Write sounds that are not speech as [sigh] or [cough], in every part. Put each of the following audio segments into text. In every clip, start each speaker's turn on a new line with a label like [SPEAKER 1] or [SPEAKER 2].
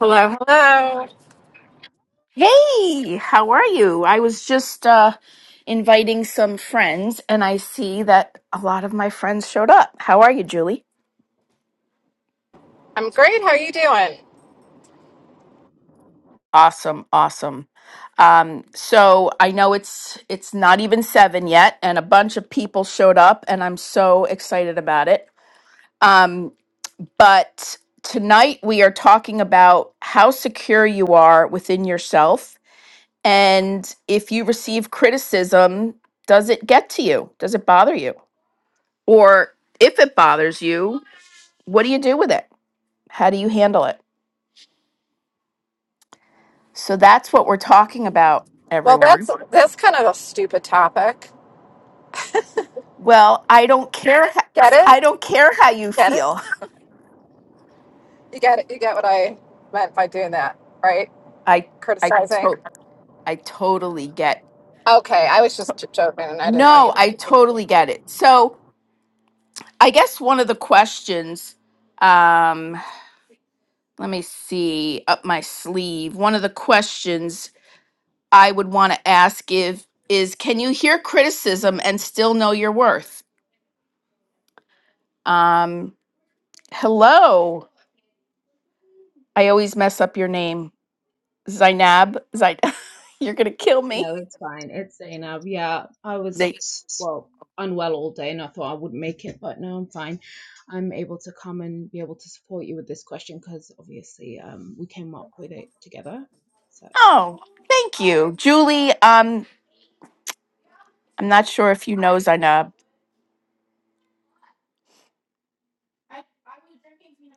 [SPEAKER 1] Hello, hello.
[SPEAKER 2] Hey, how are you? I was just uh, inviting some friends, and I see that a lot of my friends showed up. How are you, Julie?
[SPEAKER 1] I'm great. How are you doing?
[SPEAKER 2] Awesome, awesome. Um, so I know it's it's not even seven yet, and a bunch of people showed up, and I'm so excited about it. Um, but tonight we are talking about how secure you are within yourself, and if you receive criticism, does it get to you? Does it bother you? Or if it bothers you, what do you do with it? How do you handle it? So that's what we're talking about,
[SPEAKER 1] Well,
[SPEAKER 2] everyone.
[SPEAKER 1] that's that's kind of a stupid topic.
[SPEAKER 2] Well, I don't care. ho-
[SPEAKER 1] Get
[SPEAKER 2] I
[SPEAKER 1] it?
[SPEAKER 2] don't care how you
[SPEAKER 1] Get it?
[SPEAKER 2] feel.
[SPEAKER 1] You get it? You get what I meant by doing that, right?
[SPEAKER 2] [laughs] I I
[SPEAKER 1] Criticizing.
[SPEAKER 2] to- I totally get.
[SPEAKER 1] Okay, I was just j- joking, and I didn't want you.
[SPEAKER 2] No,
[SPEAKER 1] to...
[SPEAKER 2] I totally get it. So I guess one of the questions. Um, let me see up my sleeve. One of the questions I would want to ask if is can you hear criticism and still know your worth? Um, Hello. I always mess up your name. Zainab. Zain- [laughs] You're going to kill me.
[SPEAKER 3] No, it's fine. It's enough. Yeah, I was,
[SPEAKER 2] Zain-
[SPEAKER 3] well, unwell all day and I thought I wouldn't make it, but no, I'm fine. I'm able to come and be able to support you with this question because obviously um, we came up with it together. So
[SPEAKER 2] oh, thank you. Julie, um, I'm not sure if you know Zainab.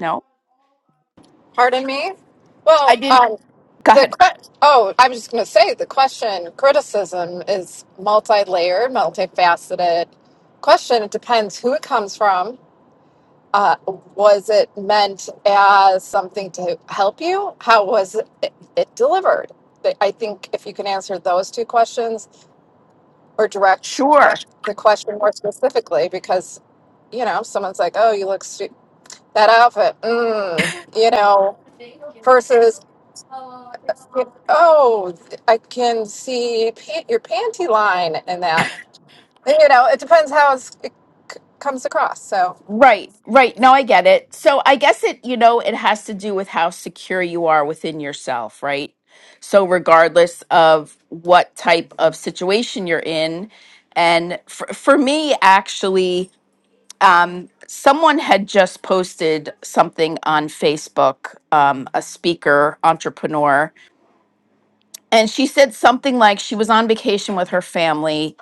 [SPEAKER 2] No?
[SPEAKER 1] Pardon me.
[SPEAKER 2] I
[SPEAKER 1] Well,
[SPEAKER 2] didn't.
[SPEAKER 1] um,
[SPEAKER 2] Go
[SPEAKER 1] the
[SPEAKER 2] ahead.
[SPEAKER 1] que- oh, I was just going to say the question criticism is multi-layered, multifaceted question. It depends who it comes from Uh, was it meant as something to help you? How was it, it, delivered? But I think if you can answer those two questions or direct
[SPEAKER 2] Sure.
[SPEAKER 1] the question more specifically, because, you know, someone's like, oh, you look stu- that outfit, mm, you know, versus, oh, I can see pant- your panty line in that. You know, it depends how it's, it comes across. So.
[SPEAKER 2] Right, right. No, I get it. So I guess it, you know, it has to do with how secure you are within yourself, right? So regardless of what type of situation you're in, and for, for me, actually, um, someone had just posted something on Facebook, um, a speaker, entrepreneur, and she said something like she was on vacation with her family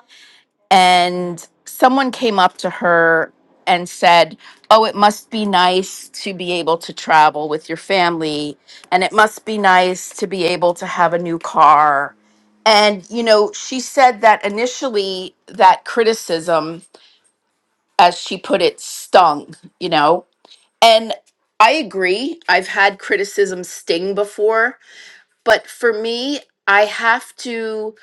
[SPEAKER 2] and someone came up to her and said, Oh, it must be nice to be able to travel with your family, and it must be nice to be able to have a new car. And, you know, she said that initially that criticism, as she put it, stung, you know, and I agree. I've had criticism sting before, but for me, I have to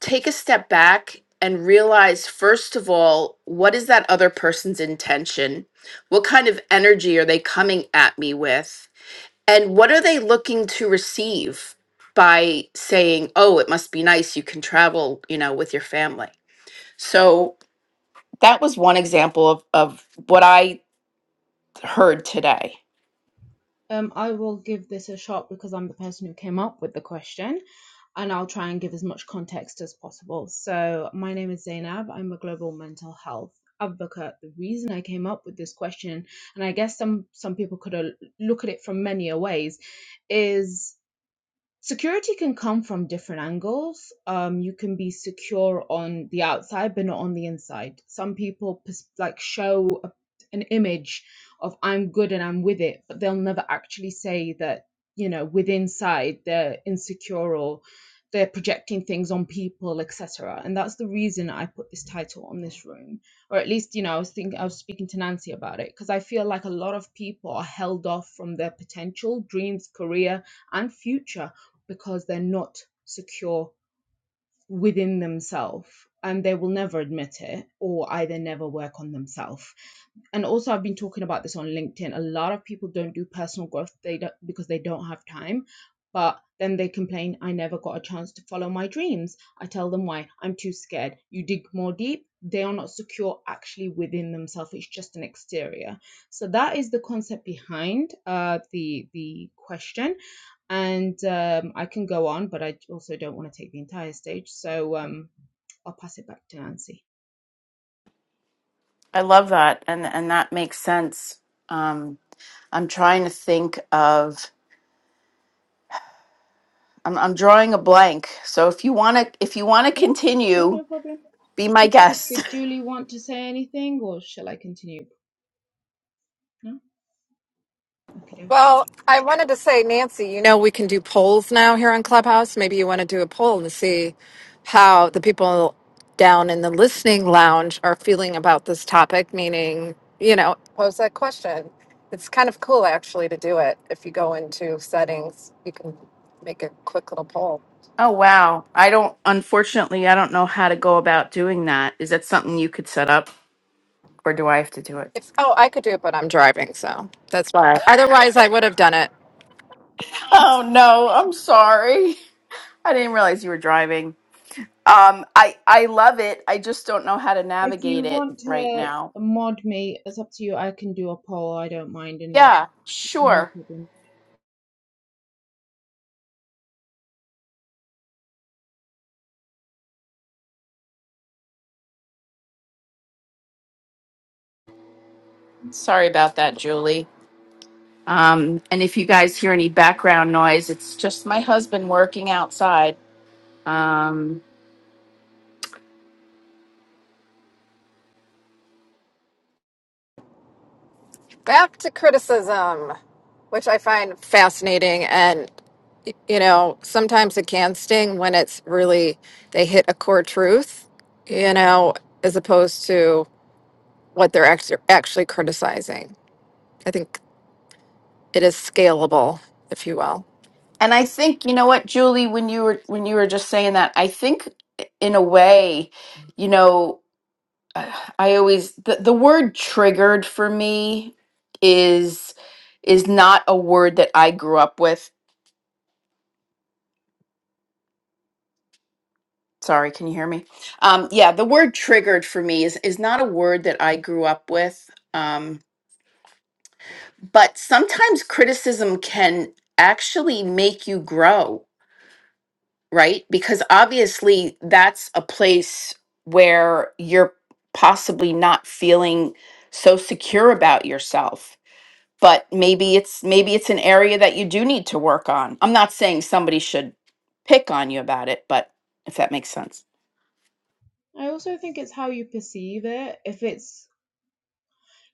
[SPEAKER 2] take a step back and realize first of all, what is that other person's intention? What kind of energy are they coming at me with? And what are they looking to receive by saying, "Oh, it must be nice you can travel, you know, with your family." So, that was one example of of what I heard today.
[SPEAKER 3] um, I will give this a shot because I'm the person who came up with the question. and I'll try and give as much context as possible. So, my name is Zainab. I'm a global mental health advocate. The reason I came up with this question, and I guess some some people could uh, look at it from many ways, is Security can come from different angles. Um, you can be secure on the outside, but not on the inside. Some people pers- like show a, an image of I'm good and I'm with it, but they'll never actually say that, you know, within side they're insecure or they're projecting things on people, etc. And that's the reason I put this title on this room, or at least, you know, I was thinking I was speaking to Nancy about it because I feel like a lot of people are held off from their potential, dreams, career, and future because they're not secure within themselves and they will never admit it or either never work on themselves and also I've been talking about this on LinkedIn. A lot of people don't do personal growth they don't because they don't have time. But then they complain, I never got a chance to follow my dreams. I tell them why I'm too scared. You dig more deep, they are not secure actually within themselves. It's just an exterior. So that is the concept behind uh, the the question and um, I can go on, but I also don't want to take the entire stage, so um, I'll pass it back to Nancy.
[SPEAKER 2] I love that, and and that makes sense. Um, I'm trying to think of. I'm, I'm drawing a blank. So if you want to, if you want to
[SPEAKER 3] Yeah, sure,
[SPEAKER 2] continue,
[SPEAKER 3] no problem.
[SPEAKER 2] be my guest.
[SPEAKER 3] Did
[SPEAKER 2] [laughs]
[SPEAKER 3] Julie want to say anything, or shall I continue? No, okay.
[SPEAKER 1] Well, I wanted to say, Nancy, you know, we can do polls now here on Clubhouse. Maybe you want to do a poll and see how the people down in the listening lounge are feeling about this topic, meaning, you know, pose that question. It's kind of cool actually to do it. If you go into settings, you can make a quick little poll.
[SPEAKER 2] Oh wow! I don't. Unfortunately, I don't know how to go about doing that. Is that something you could set up, or do I have to do it?
[SPEAKER 1] If oh, I could do it, but I'm driving, so that's why. Otherwise, I would have done it.
[SPEAKER 2] Oh no! I'm sorry. I didn't realize you were driving. Um, I I love it. I just don't know how to
[SPEAKER 3] If
[SPEAKER 2] navigate
[SPEAKER 3] you
[SPEAKER 2] it
[SPEAKER 3] want
[SPEAKER 2] right
[SPEAKER 3] to
[SPEAKER 2] now.
[SPEAKER 3] mod me, it's up to you. I can do a poll. I don't mind, and
[SPEAKER 2] Yeah,
[SPEAKER 3] no
[SPEAKER 2] sure.
[SPEAKER 3] problem.
[SPEAKER 2] Sorry about that, Julie. Um, and if you guys hear any background noise, it's just my husband working outside. Um,
[SPEAKER 1] Back to criticism, which I find fascinating. and. you know, sometimes it can sting when it's really they hit a core truth, you know, as opposed to what they're act- actually criticizing. I think it is scalable, if you will.
[SPEAKER 2] and I think you know what, Julie, when you were when you were just saying that, I think in a way, you know, uh, I always the, the word triggered for me is is not a word that I grew up with. Sorry, can you hear me? Um, yeah, the word triggered for me is is not a word that I grew up with. Um, but sometimes criticism can actually make you grow, right? Because obviously that's a place where you're possibly not feeling so secure about yourself but maybe it's maybe it's an area that you do need to work on. I'm not saying somebody should pick on you about it, but if that makes sense.
[SPEAKER 3] I also think it's how you perceive it. If it's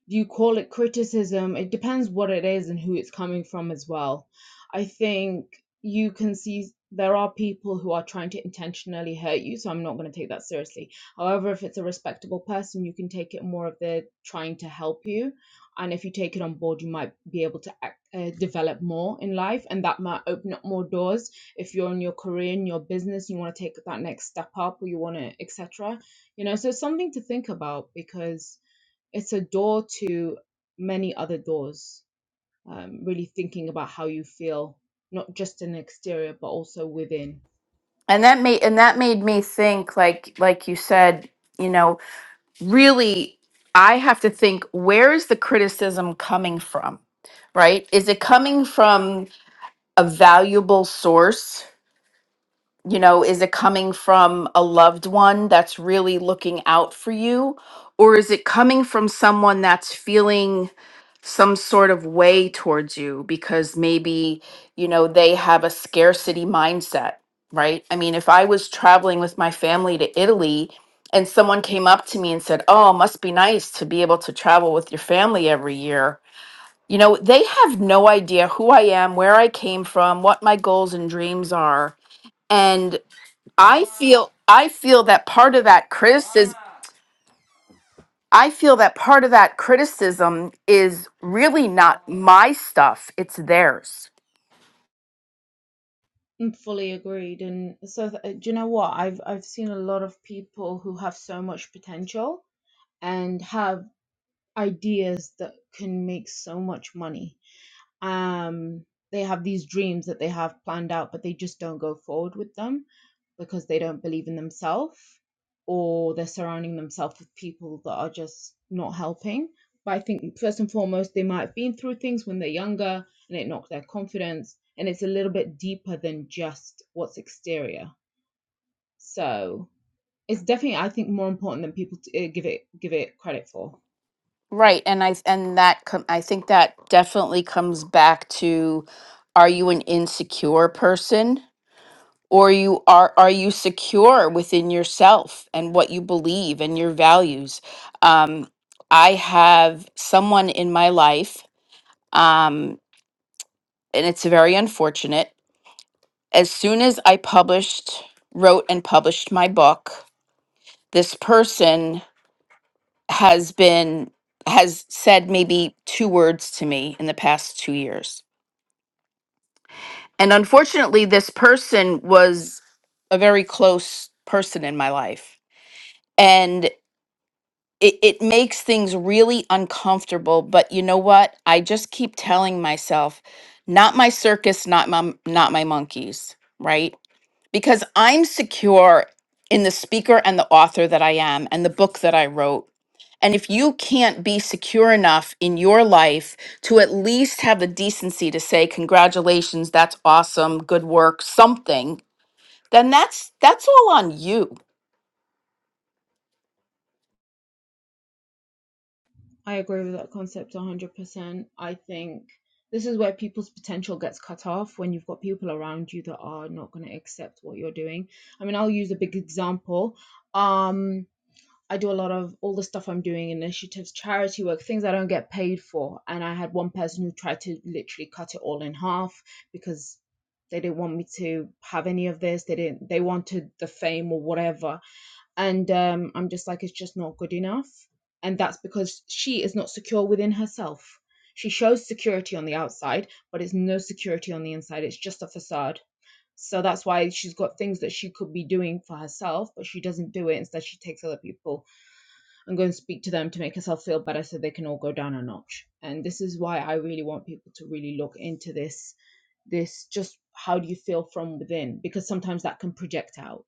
[SPEAKER 3] you call it criticism, it depends what it is and who it's coming from as well. I think you can see there are people who are trying to intentionally hurt you, so I'm not going to take that seriously. However, if it's a respectable person, you can take it more of they're trying to help you. And if you take it on board, you might be able to act, uh, develop more in life, and that might open up more doors. If you're in your career, in your business, you want to take that next step up, or you want to, etc. You know, so it's something to think about because it's a door to many other doors. Um, really thinking about how you feel, not just in the exterior, but also within.
[SPEAKER 2] and that made and that made me think like like you said you know really i have to think where is the criticism coming from right is it coming from a valuable source you know is it coming from a loved one that's really looking out for you or is it coming from someone that's feeling some sort of way towards you because maybe you know they have a scarcity mindset right i mean if i was traveling with my family to italy and someone came up to me and said oh must be nice to be able to travel with your family every year you know they have no idea who i am where i came from what my goals and dreams are and I feel I feel that part of that criticism I feel that part of that criticism is really not my stuff, it's theirs.
[SPEAKER 3] Mm, Fully agreed. And so, th- uh, do you know what? I've I've seen a lot of people who have so much potential and have ideas that can make so much money. um they have these dreams that they have planned out but they just don't go forward with them because they don't believe in themselves or they're surrounding themselves with people that are just not helping but i think first and foremost they might have been through things when they're younger and it knocked their confidence and it's a little bit deeper than just what's exterior so it's definitely i think more important than people to, uh, give it give it credit for
[SPEAKER 2] Right, and I and that com- I think that definitely comes back to are you an insecure person or you are are you secure within yourself and what you believe and your values? Um I have someone in my life um and it's very unfortunate as soon as I published, wrote, and published my book, this person has been, has said maybe two words to me in the past two years. And unfortunately, this person was a very close person in my life. And it, it makes things really uncomfortable. But you know what? I just keep telling myself, not my circus, not my, not my monkeys, right? because I'm secure in the speaker and the author that I am and the book that I wrote. And if you can't be secure enough in your life to at least have the decency to say, congratulations, that's awesome, good work, something, then that's that's all on you.
[SPEAKER 3] I agree with that concept 100%. I think this is where people's potential gets cut off when you've got people around you that are not going to accept what you're doing. I mean, I'll use a big example. Um, I do a lot of all the stuff I'm doing, initiatives, charity work, things I don't get paid for. And I had one person who tried to literally cut it all in half because they didn't want me to have any of this. They didn't, they wanted the fame or whatever and um, i'm just like it's just not good enough and that's because she is not secure within herself she shows security on the outside but it's no security on the inside it's just a facade so that's why she's got things that she could be doing for herself but she doesn't do it instead she takes other people and go and speak to them to make herself feel better so they can all go down a notch and this is why i really want people to really look into this this just how do you feel from within because sometimes that can project out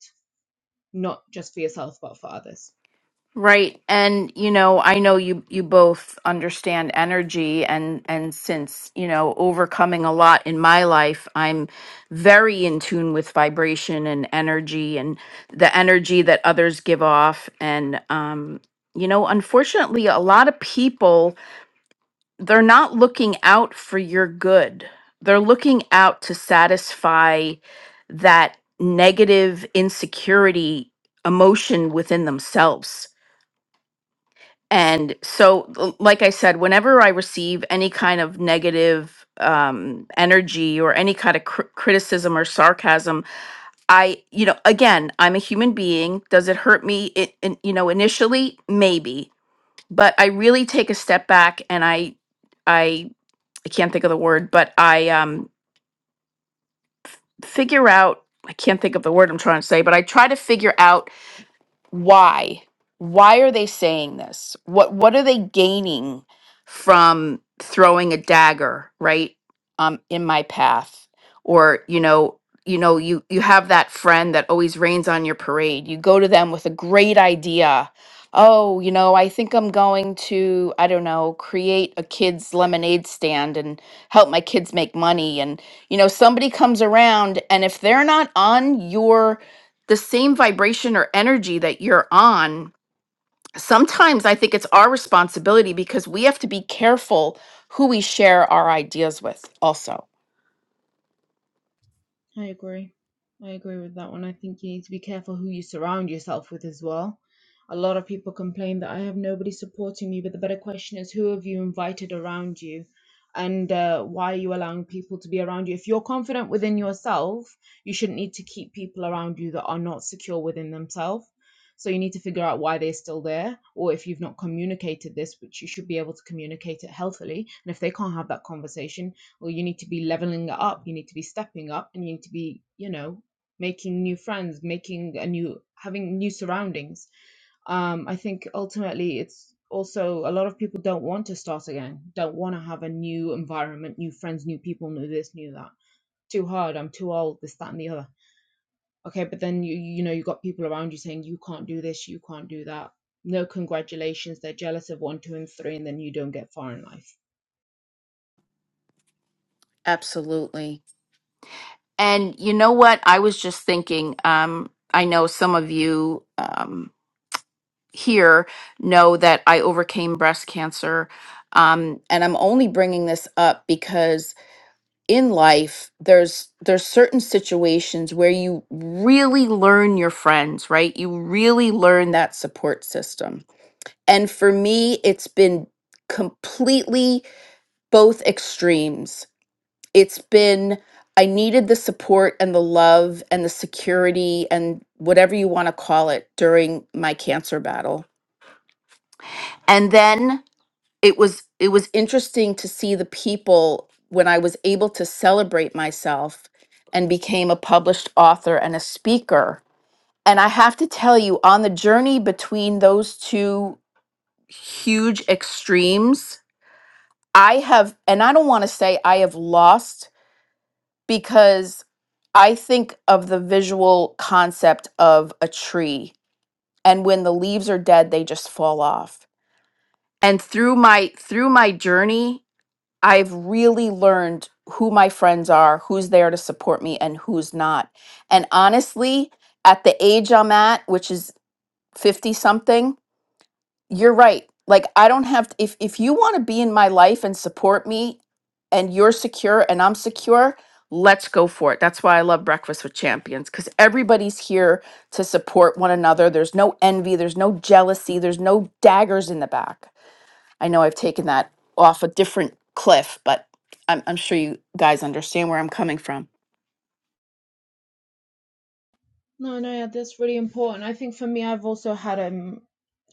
[SPEAKER 3] not just for yourself but for others
[SPEAKER 2] Right. And you know, I know you you both understand energy and and since, you know, overcoming a lot in my life, I'm very in tune with vibration and energy and the energy that others give off and um you know, unfortunately, a lot of people they're not looking out for your good. They're looking out to satisfy that negative insecurity emotion within themselves and so, l- like I said, whenever I receive any kind of negative um, energy or any kind of cr- criticism or sarcasm, I, you know, again, I'm a human being. Does it hurt me? It, in you know, initially, maybe, but I really take a step back and I, I, I can't think of the word, but I um, figure out. I can't think of the word I'm trying to say, but I try to figure out why why are they saying this what what are they gaining from throwing a dagger right um in my path or you know you know you you have that friend that always rains on your parade you go to them with a great idea oh you know i think i'm going to i don't know create a kids lemonade stand and help my kids make money and you know somebody comes around and if they're not on your the same vibration or energy that you're on, sometimes I think it's our responsibility because we have to be careful who we share our ideas with, also.
[SPEAKER 3] I agree. I agree with that one. I think you need to be careful who you surround yourself with as well. A lot of people complain that I have nobody supporting me, but the better question is who have you invited around you? And uh, why are you allowing people to be around you? If you're confident within yourself, you shouldn't need to keep people around you that are not secure within themselves. So you need to figure out why they're still there, or if you've not communicated this, which you should be able to communicate it healthily. And if they can't have that conversation, or you need to be leveling up you need to be stepping up and you need to be you know making new friends making a new having new surroundings um, I think ultimately it's also a lot of people don't want to start again, don't want to have a new environment, new friends, new people, new this, new that. Too hard. I'm too old. This, that, and the other. Okay, but then you you know you got people around you saying you can't do this, you can't do that. No congratulations. They're jealous of one, two, and three, and then you don't get far in life
[SPEAKER 2] Absolutely. And you know what? I was just thinking, um, I know some of you. Um, here know that I overcame breast cancer. Um, and I'm only bringing this up because in life, there's there's certain situations where you really learn your friends, right? You really learn that support system. And for me, it's been completely both extremes. It's been I needed the support and the love and the security and whatever you want to call it during my cancer battle. And then it was it was interesting to see the people when I was able to celebrate myself and became a published author and a speaker. And I have to tell you on the journey between those two huge extremes, I have and I don't want to say I have lost because I think of the visual concept of a tree and when the leaves are dead they just fall off. And through my through my journey I've really learned who my friends are, who's there to support me, and who's not. And honestly, at the age I'm at, which is 50 something, you're right. Like, I don't have, if, if you want to be in my life and support me, and you're secure and I'm secure, let's go for it. That's why I love Breakfast with Champions because everybody's here to support one another. There's no envy, there's no jealousy, there's no daggers in the back. I know I've taken that off a different cliff, but I'm, I'm sure you guys understand where I'm coming from.
[SPEAKER 3] No, no, yeah, that's really important. I think for me, I've also had um,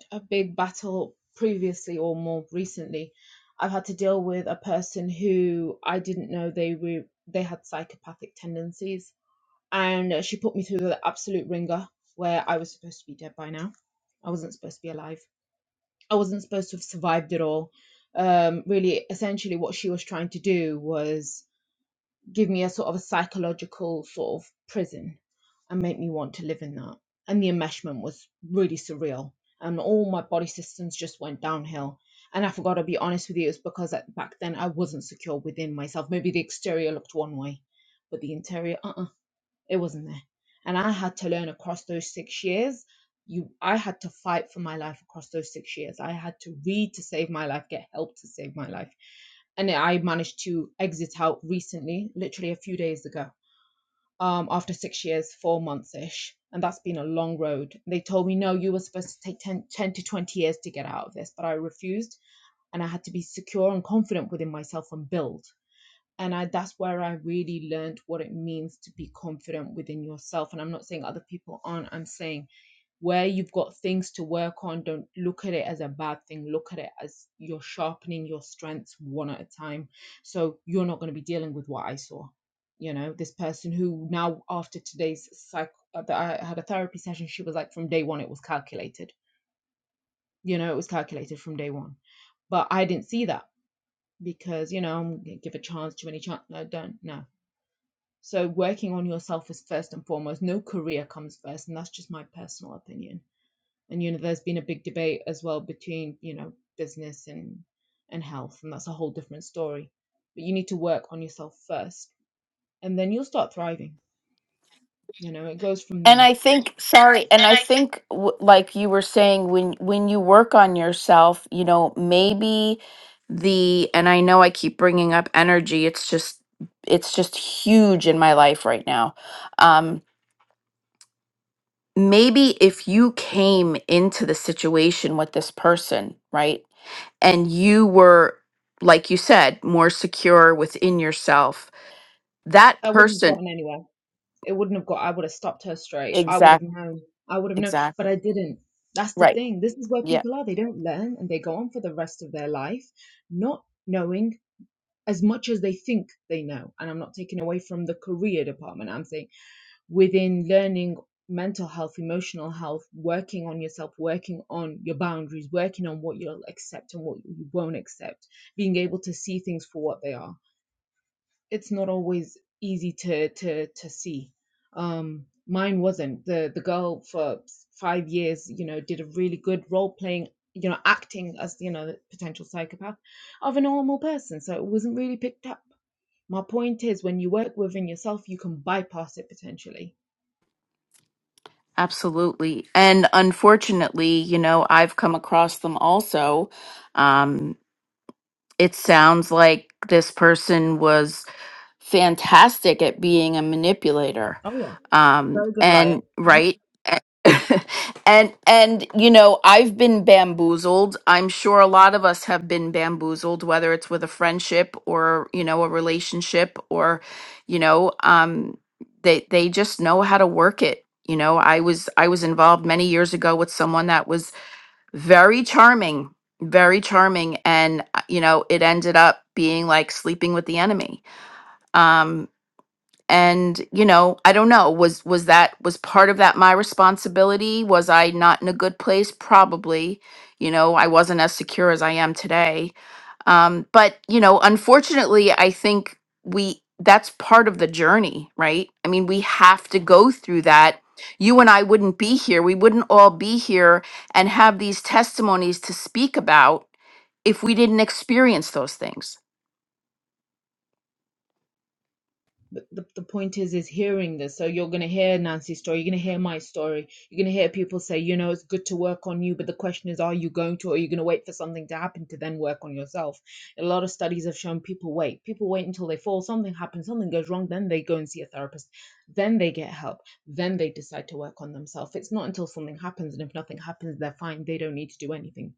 [SPEAKER 3] a big battle previously or more recently. I've had to deal with a person who I didn't know they were they had psychopathic tendencies, and uh, she put me through the absolute ringer where I was supposed to be dead by now. I wasn't supposed to be alive. I wasn't supposed to have survived it all. Um, really, essentially, what she was trying to do was give me a sort of a psychological sort of prison and make me want to live in that. And the enmeshment was really surreal. And all my body systems just went downhill. And I forgot to be honest with you, it's because at, back then I wasn't secure within myself. Maybe the exterior looked one way, but the interior, uh uh it wasn't there. And I had to learn across those six years. You, I had to fight for my life across those six years. I had to read to save my life, get help to save my life. And I managed to exit out recently, literally a few days ago, um, after six years, four months ish. And that's been a long road. They told me, no, you were supposed to take 10, 10 to 20 years to get out of this, but I refused. And I had to be secure and confident within myself and build and I that's where I really learned what it means to be confident within yourself. And I'm not saying other people aren't. I'm saying where you've got things to work on, don't look at it as a bad thing. Look at it as you're sharpening your strengths one at a time. So you're not going to be dealing with what I saw. You know, this person who now after today's psych uh, that I had a therapy session, she was like, from day one it was calculated. You know, it was calculated from day one. But I didn't see that because, you know, I'm gonna give a chance to any chance. No, don't. No so working on yourself is first and foremost. No career comes first, and that's just my personal opinion. And you know, there's been a big debate as well between you know business and and health, and that's a whole different story. But you need to work on yourself first, and then you'll start thriving. You know, it goes from
[SPEAKER 2] And
[SPEAKER 3] there.
[SPEAKER 2] I think, sorry, and
[SPEAKER 3] And
[SPEAKER 2] I
[SPEAKER 3] I think
[SPEAKER 2] think, w- like you were saying, when when you work on yourself, you know, maybe the, and I know I keep bringing up energy. It's just, it's just huge in my life right now. Um, maybe if you came into the situation with this person, right, and you were, like you said, more secure within yourself, that
[SPEAKER 3] I wouldn't have
[SPEAKER 2] person,
[SPEAKER 3] gotten anywhere. It wouldn't have got. I would have stopped her straight. I would
[SPEAKER 2] exact,
[SPEAKER 3] have known. I would have known, but
[SPEAKER 2] exactly,
[SPEAKER 3] I didn't. That's the
[SPEAKER 2] right,
[SPEAKER 3] thing. This is where
[SPEAKER 2] yeah.
[SPEAKER 3] people are. They don't learn and they go on for the rest of their life, not knowing as much as they think they know. And I'm not taking away from the career department. I'm saying within learning mental health, emotional health, working on yourself, working on your boundaries, working on what you'll accept and what you won't accept, being able to see things for what they are. It's not always easy to to to see. Um mine wasn't. The the girl for five years, you know, did a really good role playing, you know, acting as, you know, the potential psychopath of a normal person. So it wasn't really picked up my point is, when you work within yourself, you can bypass it potentially.
[SPEAKER 2] Absolutely. And unfortunately, you know, I've come across them also. Um, it sounds like this person was fantastic at being a manipulator
[SPEAKER 3] Oh yeah,
[SPEAKER 2] um
[SPEAKER 3] very good liar.
[SPEAKER 2] and
[SPEAKER 3] What?
[SPEAKER 2] right A- [laughs] and and you know i've been bamboozled i'm sure a lot of us have been bamboozled whether it's with a friendship or you know a relationship or you know um they they just know how to work it you know i was i was involved many years ago with someone that was very charming very charming and uh, you know it ended up being like sleeping with the enemy Um and you know i don't know was was that was part of that my responsibility was i not in a good place probably you know i wasn't as secure as i am today um, but you know unfortunately i think we that's part of the journey right i mean we have to go through that you and i wouldn't be here we wouldn't all be here and have these testimonies to speak about if we didn't experience those things
[SPEAKER 3] But the, the point is, is hearing this. So you're going to hear Nancy's story. You're going to hear my story. You're going to hear people say, you know, it's good to work on you. But the question is, are you going to, or are you going to wait for something to happen to then work on yourself? A lot of studies have shown people wait. People wait until they fall, something happens, something goes wrong. Then they go and see a therapist. Then they get help. Then they decide to work on themselves. It's not until something happens. And if nothing happens, they're fine. They don't need to do anything.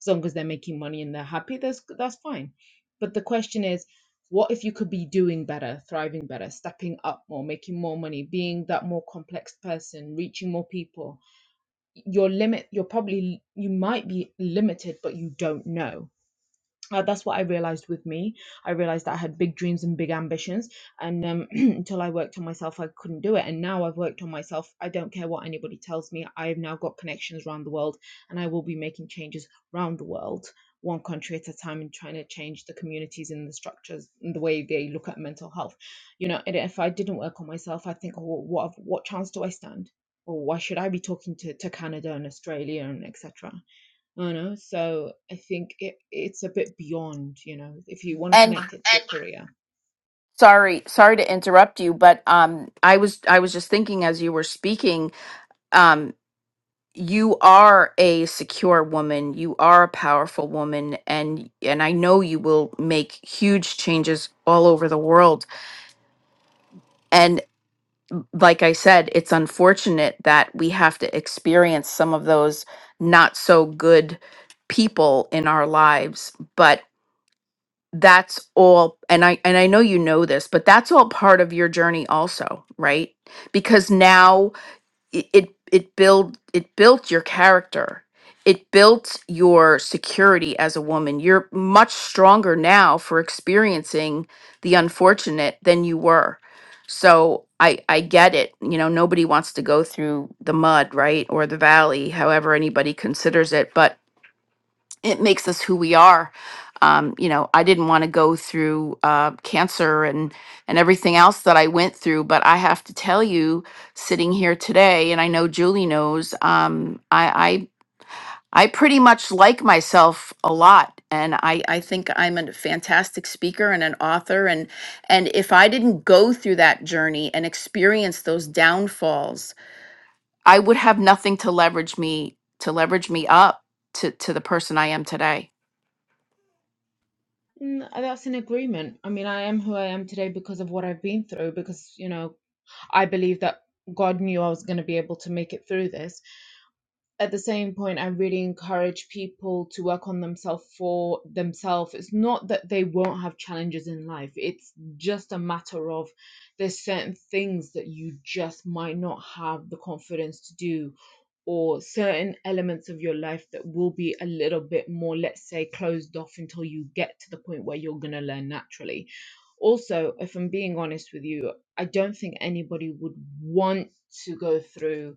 [SPEAKER 3] As long as they're making money and they're happy, that's, that's fine. But the question is, what if you could be doing better, thriving better, stepping up more, making more money, being that more complex person, reaching more people? Your limit, you're probably, you might be limited, but you don't know uh, that's what I realized with me. I realized that I had big dreams and big ambitions, and um, [clears throat] until I worked on myself, I couldn't do it. And now I've worked on myself. I don't care what anybody tells me. I've now got connections around the world, and I will be making changes around the world, one country at a time, and trying to change the communities and the structures and the way they look at mental health. You know, and if I didn't work on myself, I think, oh, what what chance do I stand? Or why should I be talking to, to Canada and Australia and etc.? you know so i think it, it's a bit beyond you know if you want to
[SPEAKER 2] and
[SPEAKER 3] connect it to And career
[SPEAKER 2] Sorry, sorry to interrupt you, but um, I was I was just thinking as you were speaking, um, you are a secure woman, you are a powerful woman, and and I know you will make huge changes all over the world. And like I said, it's unfortunate that we have to experience some of those not so good people in our lives, but that's all and i and i know you know this but that's all part of your journey also right because now i- it it build it built your character it built your security as a woman you're much stronger now for experiencing the unfortunate than you were so i i get it you know nobody wants to go through the mud right or the valley however anybody considers it but it makes us who we are. Um, you know, I didn't want to go through uh, cancer and and everything else that I went through, but I have to tell you, sitting here today, and I know Julie knows, um, I, I I pretty much like myself a lot, and I I think I'm a fantastic speaker and an author, and and if I didn't go through that journey and experience those downfalls, I would have nothing to leverage me to leverage me up to to the person I am today.
[SPEAKER 3] Mm, that's an agreement i mean i am who i am today because of what i've been through because you know i believe that god knew i was going to be able to make it through this at the same point, I really encourage people to work on themselves for themselves. It's not that they won't have challenges in life, it's just a matter of there's certain things that you just might not have the confidence to do, or certain elements of your life that will be a little bit more, let's say, closed off until you get to the point where you're going to learn naturally. Also, if I'm being honest with you, I don't think anybody would want to go through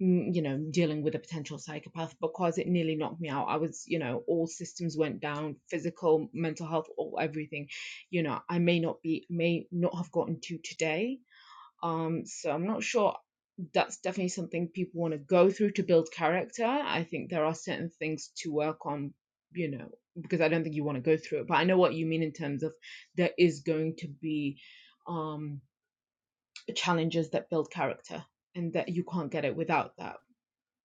[SPEAKER 3] mm, you know, dealing with a potential psychopath because it nearly knocked me out. I was, you know, all systems went down, physical, mental health, all everything. You know, I may not be, may not have gotten to today. Um, so I'm not sure. That's definitely something people want to go through to build character. I think there are certain things to work on, you know, because I don't think you want to go through it. But I know what you mean in terms of there is going to be um, challenges that build character and that you can't get it without that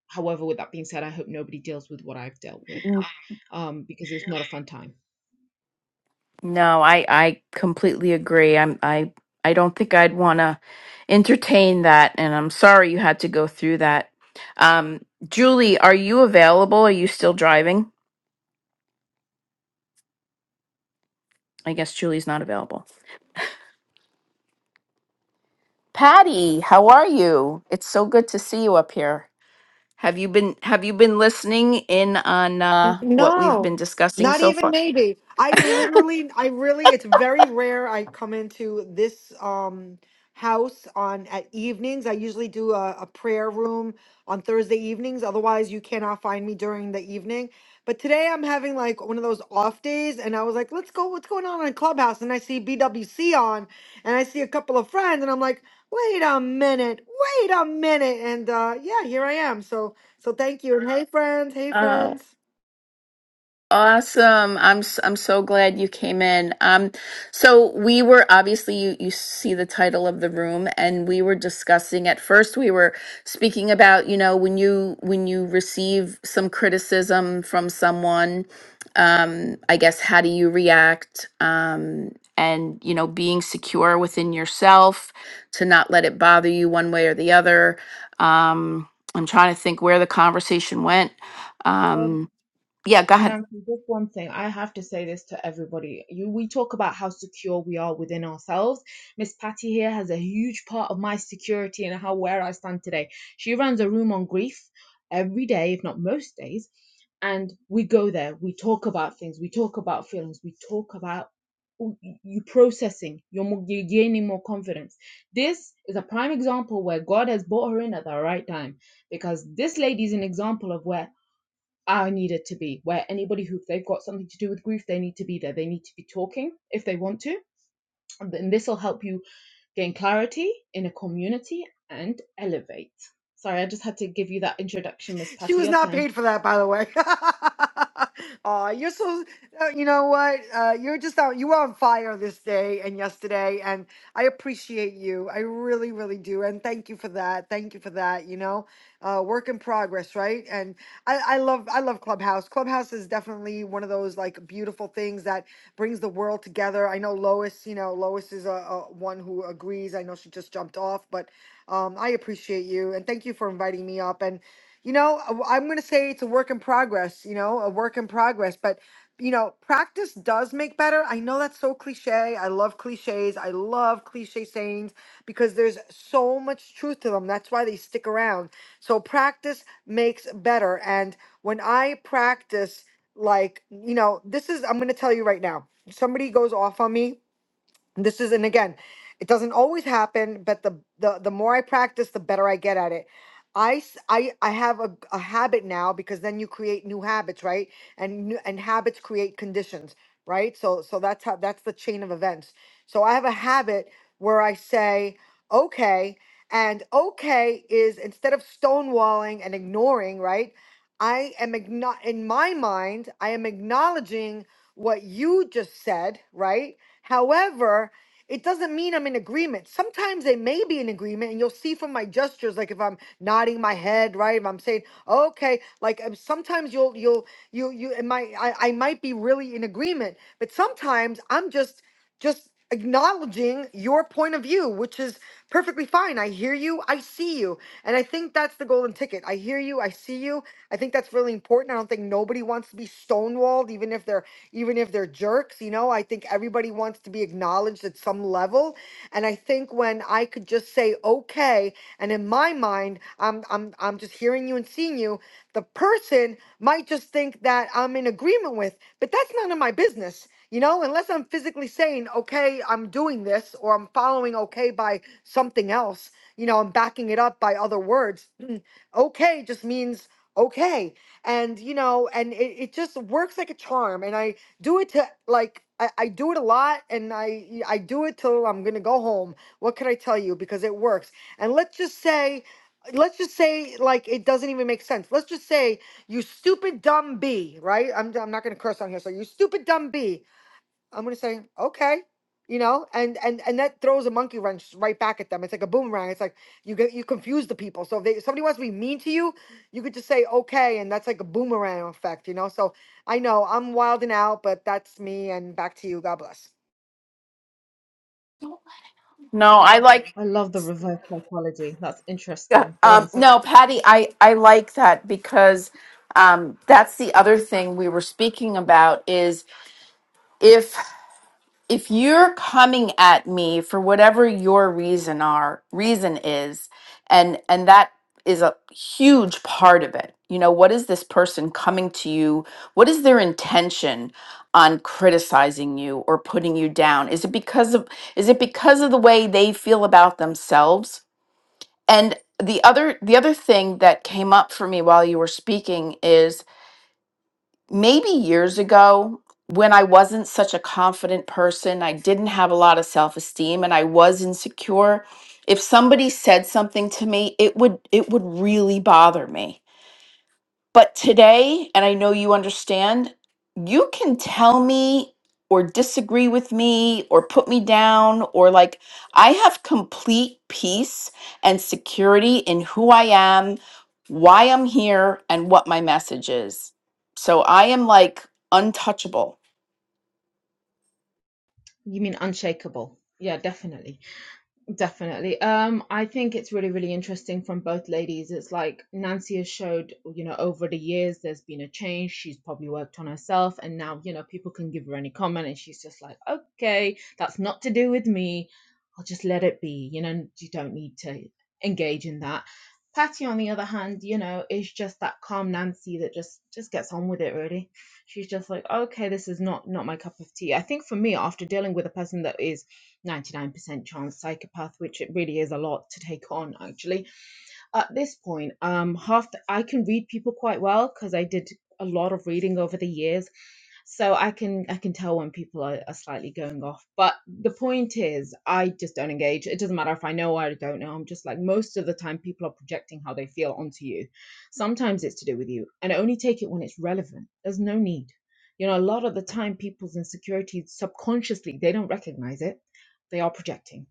[SPEAKER 3] However, with that being said, I hope nobody deals with what I've dealt with um, because it was not a fun time.
[SPEAKER 2] No, I I completely agree. I'm I I don't think I'd want to entertain that, and I'm sorry you had to go through that. Um, Julie, are you available? Are you still driving? I guess Julie's not available. Patty, how are you? It's so good to see you up here. Have you been Have you been listening in on uh, what we've been
[SPEAKER 4] No,
[SPEAKER 2] discussing
[SPEAKER 4] not
[SPEAKER 2] so
[SPEAKER 4] even
[SPEAKER 2] far?
[SPEAKER 4] maybe. I literally, I really, it's very rare I come into this um house on at evenings. I usually do a, a prayer room on Thursday evenings. Otherwise, you cannot find me during the evening. But today I'm having like one of those off days, and I was like, let's go, what's going on in Clubhouse? And I see BWC on, and I see a couple of friends, and I'm like, wait a minute, wait a minute. And uh yeah, here I am. So so thank you. And hey friends, hey
[SPEAKER 2] Oh,
[SPEAKER 4] friends.
[SPEAKER 2] Awesome. I'm s- I'm so glad you came in. Um, so we were obviously you you see the title of the room and we were discussing at first we were speaking about, you know, when you when you receive some criticism from someone, um, I guess how do you react? Um, and you know, being secure within yourself to not let it bother you one way or the other. Um, I'm trying to think where the conversation went. Um, yeah, go ahead.
[SPEAKER 3] Nancy, just one thing. I have to say this to everybody. You, we talk about how secure we are within ourselves. Miss Patty here has a huge part of my security and how where I stand today. She runs a room on grief every day, if not most days. And we go there. We talk about things. We talk about feelings. We talk about you processing. You're, more, you're gaining more confidence. This is a prime example where God has brought her in at the right time because this lady is an example of where I needed to be, where anybody who if they've got something to do with grief, they need to be there. They need to be talking if they want to. And this will help you gain clarity in a community and elevate. Sorry, I just had to give you that introduction, Miss
[SPEAKER 4] she
[SPEAKER 3] Patty.
[SPEAKER 4] was
[SPEAKER 3] Your
[SPEAKER 4] not
[SPEAKER 3] turn.
[SPEAKER 4] paid for that, by the way. [laughs] Aw, you're so, uh, you know what? Uh, you're just on, you were on fire this day and yesterday, and I appreciate you. I really, really do. And thank you for that. Thank you for that. You know, uh, work in progress, right? And I, I love, I love Clubhouse. Clubhouse is definitely one of those like beautiful things that brings the world together. I know Lois, you know, Lois is a, a one who agrees. I know she just jumped off, but um, I appreciate you and thank you for inviting me up. And you know uh, i'm going to say it's a work in progress you know a work in progress but you know practice does make better i know that's so cliche i love cliches i love cliche sayings because there's so much truth to them that's why they stick around so practice makes better and when i practice like you know this is i'm going to tell you right now somebody goes off on me this is and again it doesn't always happen but the the, the more i practice the better i get at it i s- i, I have a, a habit now because then you create new habits right and new, and habits create conditions right so so that's how that's the chain of events so i have a habit where i say okay and okay is instead of stonewalling and ignoring right i am igno- in my mind i am acknowledging what you just said right However, it doesn't mean I'm in agreement. Sometimes they may be in agreement, and you'll see from my gestures, like if I'm nodding my head, right? If I'm saying okay, like um, sometimes you'll you'll you you it might I, I might be really in agreement, but sometimes I'm just just acknowledging your point of view, which is perfectly fine. I hear you, I see you, and I think that's the golden ticket. I hear you, I see you. I think that's really important. I don't think nobody wants to be stonewalled, even if they're even if they're jerks. You know, I think everybody wants to be acknowledged at some level. And I think when I could just say, okay, and in my mind, I'm I'm I'm just hearing you and seeing you, the person might just think that I'm in agreement with, but that's none of my business. You know, unless I'm physically saying, okay, I'm doing this, or I'm following okay by something else, you know, I'm backing it up by other words. [clears throat] okay just means okay. And, you know, and it, it just works like a charm. And I do it to like I, I do it a lot and I I do it till I'm gonna go home. What could I tell you? Because it works. And let's just say let's just say like it doesn't even make sense. Let's just say you stupid dumb bee, right? I'm I'm not gonna curse on here, so you stupid dumb bee I'm gonna say, okay, you know, and and and that throws a monkey wrench right back at them. It's like a boomerang. It's like you get you confuse the people. So if they somebody wants to be mean to you, you could just say okay, and that's like a boomerang effect, you know. So I know I'm wilding out, but that's me. And back to you. God bless.
[SPEAKER 2] No, I like
[SPEAKER 3] I love the reverse psychology. That's
[SPEAKER 2] uh,
[SPEAKER 3] interesting. Go on.
[SPEAKER 2] um
[SPEAKER 3] So
[SPEAKER 2] no, Patty, I I like that because um that's the other thing we were speaking about is if if you're coming at me for whatever your reason are reason is and and that is a huge part of it. You know, what is this person coming to you? What is their intention on criticizing you or putting you down? Is it because of is it because of the way they feel about themselves? And the other the other thing that came up for me while you were speaking is maybe years ago when I wasn't such a confident person, I didn't have a lot of self-esteem and I was insecure, if somebody said something to me, it would it would really bother me. But today, and I know you understand, you can tell me or disagree with me or put me down or like I have complete peace and security in who I am, why I'm here, and what my message is. So I am like untouchable.
[SPEAKER 3] you mean unshakable? Yeah, definitely. Definitely. Um, I think it's really, really interesting from both ladies. It's like Nancy has showed, you know, over the years there's been a change. She's probably worked on herself, and now, you know, people can give her any comment, and she's just like, okay, that's not to do with me. I'll just let it be. You know, you don't need to engage in that. Patty, on the other hand, you know, is just that calm Nancy that just just gets on with it. Really, she's just like, okay, this is not not my cup of tea. I think for me, after dealing with a person that is 99% chance psychopath, which it really is a lot to take on actually at this point um half the, i can read people quite well because i did a lot of reading over the years so i can i can tell when people are, are slightly going off but the point is i just don't engage it doesn't matter if i know or i don't know i'm just like most of the time people are projecting how they feel onto you sometimes it's to do with you and I only take it when it's relevant there's no need you know a lot of the time people's insecurities subconsciously they don't recognize it they are projecting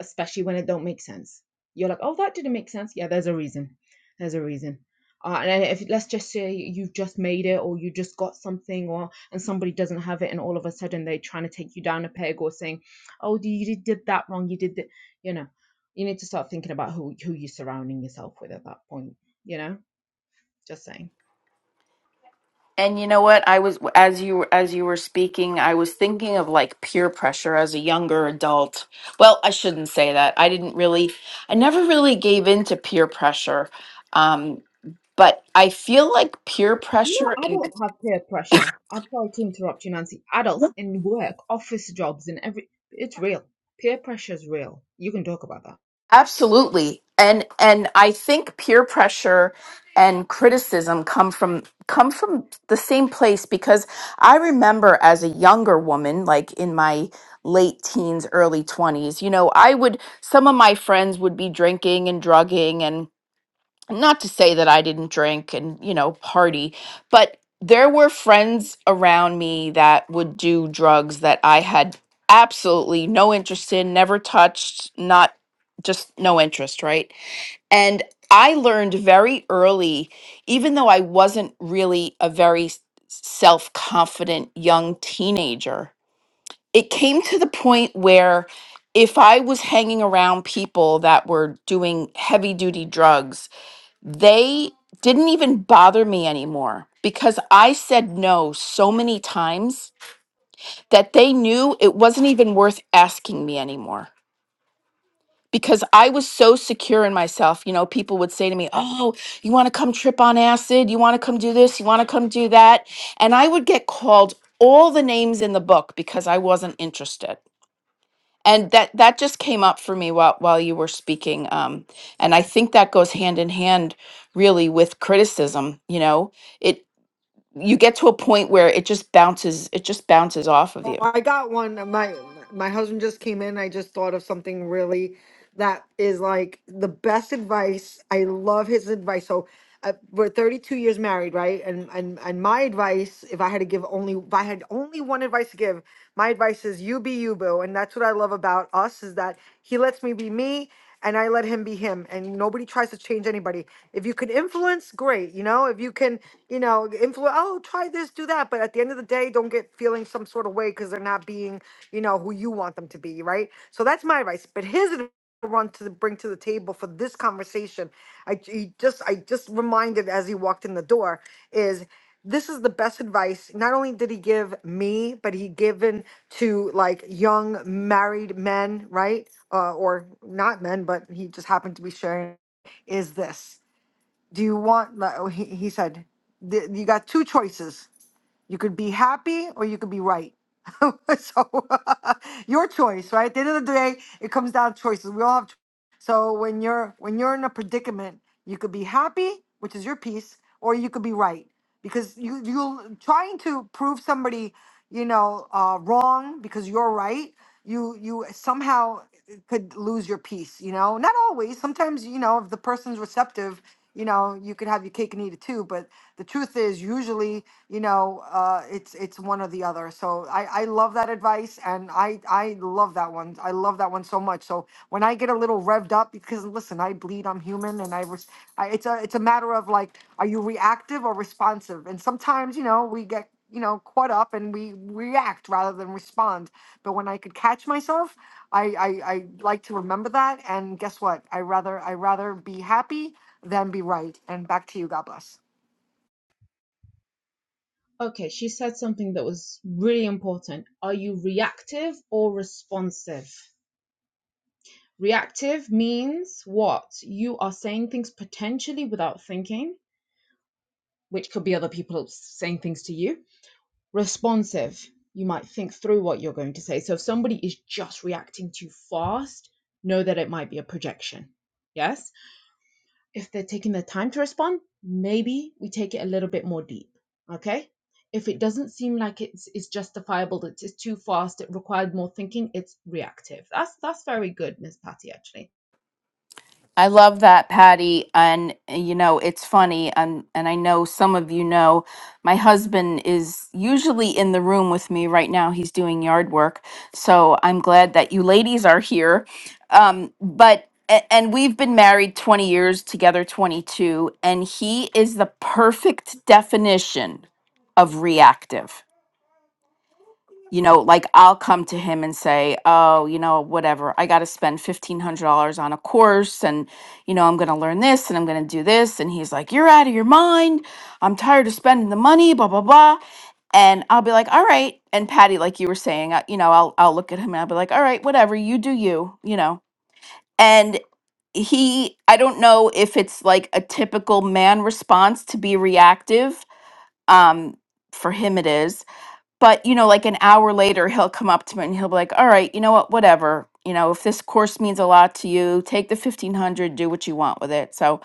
[SPEAKER 3] especially when it don't make sense you're like, oh, that didn't make sense. Yeah, there's a reason. There's a reason. Uh, and if let's just say you've just made it or you just got something or and somebody doesn't have it and all of a sudden they're trying to take you down a peg or saying oh you did that wrong you did that you know you need to start thinking about who who you're surrounding yourself with at that point you know just saying
[SPEAKER 2] And you know what? I was as you as you were speaking, I was thinking of like peer pressure as a younger adult. Well, I shouldn't say that. I didn't really I never really gave in to peer pressure. Um, but I feel like peer
[SPEAKER 3] no
[SPEAKER 2] pressure
[SPEAKER 3] i don't have peer pressure i'm sorry to interrupt you nancy adults in work office jobs and every it's real peer pressure is real you can talk about that
[SPEAKER 2] Absolutely. And and I think peer pressure and criticism come from come from the same place because I remember as a younger woman like in my late teens early 20s you know I would some of my friends would be drinking and drugging and not to say that I didn't drink and, you know, party, but there were friends around me that would do drugs that I had absolutely no interest in, never touched, not just no interest, right? And I learned very early, even though I wasn't really a very self confident young teenager, it came to the point where if I was hanging around people that were doing heavy duty drugs, they didn't even bother me anymore because I said no so many times that they knew it wasn't even worth asking me anymore because I was so secure in myself. You know, people would say to me, Oh, you want to come trip on acid? You want to come do this? You want to come do that? And I would get called all the names in the book because I wasn't interested and that that just came up for me while while you were speaking um and i think that goes hand in hand really with criticism you know it you get to a point where it just bounces it just bounces off of
[SPEAKER 4] Oh,
[SPEAKER 2] you
[SPEAKER 4] I got one. uh, My my husband just came in. I just thought of something really that is like the best advice. I love his advice. So uh, we're 32 years married, right? And and and my advice, if I had to give only, if I had only one advice to give, my advice is you be you, boo. And that's what I love about us is that he lets me be me and I let him be him. And nobody tries to change anybody. If you can influence, great. You know, if you can, you know, influence, oh, try this, do that. But at the end of the day, don't get feeling some sort of way because they're not being, you know, who you want them to be, right? So that's my advice. But his advice I want to bring to the table for this conversation I he just I just reminded as he walked in the door is this is the best advice not only did he give me but he given to like young married men right uh, or not men but he just happened to be sharing is this do you want li- oh, he, he said "Th- you got two choices you could be happy or you could be right [laughs] so [laughs] your choice right at the end of the day it comes down to choices we all have cho- so when you're when you're in a predicament you could be happy which is your peace or you could be right because you you trying to prove somebody you know uh, wrong because you're right you you somehow could lose your peace you know not always sometimes you know if the person's receptive you know you could have your cake and eat it too but the truth is usually you know uh, it's it's it's one or the other. So I, I love that advice and I, I love that one. I love that one so much. So when I get a little revved up, because listen, I bleed, I'm human and I, res- I it's a, it's a matter of like, are you reactive or responsive? And sometimes, you know, we get, you know, caught up and we react rather than respond. But when I could catch myself, I, I, I like to remember that. And guess what? I rather, I rather be happy than be right. And back to you. God bless.
[SPEAKER 3] Okay, she said something that was really important. Are you reactive or responsive? Reactive means what? You are saying things potentially without thinking, which could be other people saying things to you. Responsive, you might think through what you're going to say. So if somebody is just reacting too fast, know that it might be a projection. Yes? if they're taking the time to respond, maybe we take it a little bit more deep. Okay. If it doesn't seem like it's, it's justifiable, that it's too fast, it required more thinking, it's reactive. That's that's very good, Miss Patty, actually.
[SPEAKER 2] I love that, Patty. And uh, you know, it's funny, and and I know some of you know, my husband is usually in the room with me right now. He's doing yard work, so I'm glad that you ladies are here. Um, but a- and we've been married 20 years together, 22, and he is the perfect definition of reactive you know, like I'll come to him and say, "Oh, you know, whatever. I got to spend $1500 on a course and you know, I'm going to learn this and I'm going to do this." And he's like, "You're out of your mind. I'm tired of spending the money, blah blah blah." And I'll be like, "All right." And Patty, like you were saying, I, you know, I'll I'll look at him and I'll be like, "All right, whatever. You do you, you know." And he I don't know if it's like a typical man response to be reactive. Um for him it is but you know like an hour later he'll come up to me and he'll be like all right you know what whatever you know if this course means a lot to you take the 1500 do what you want with it so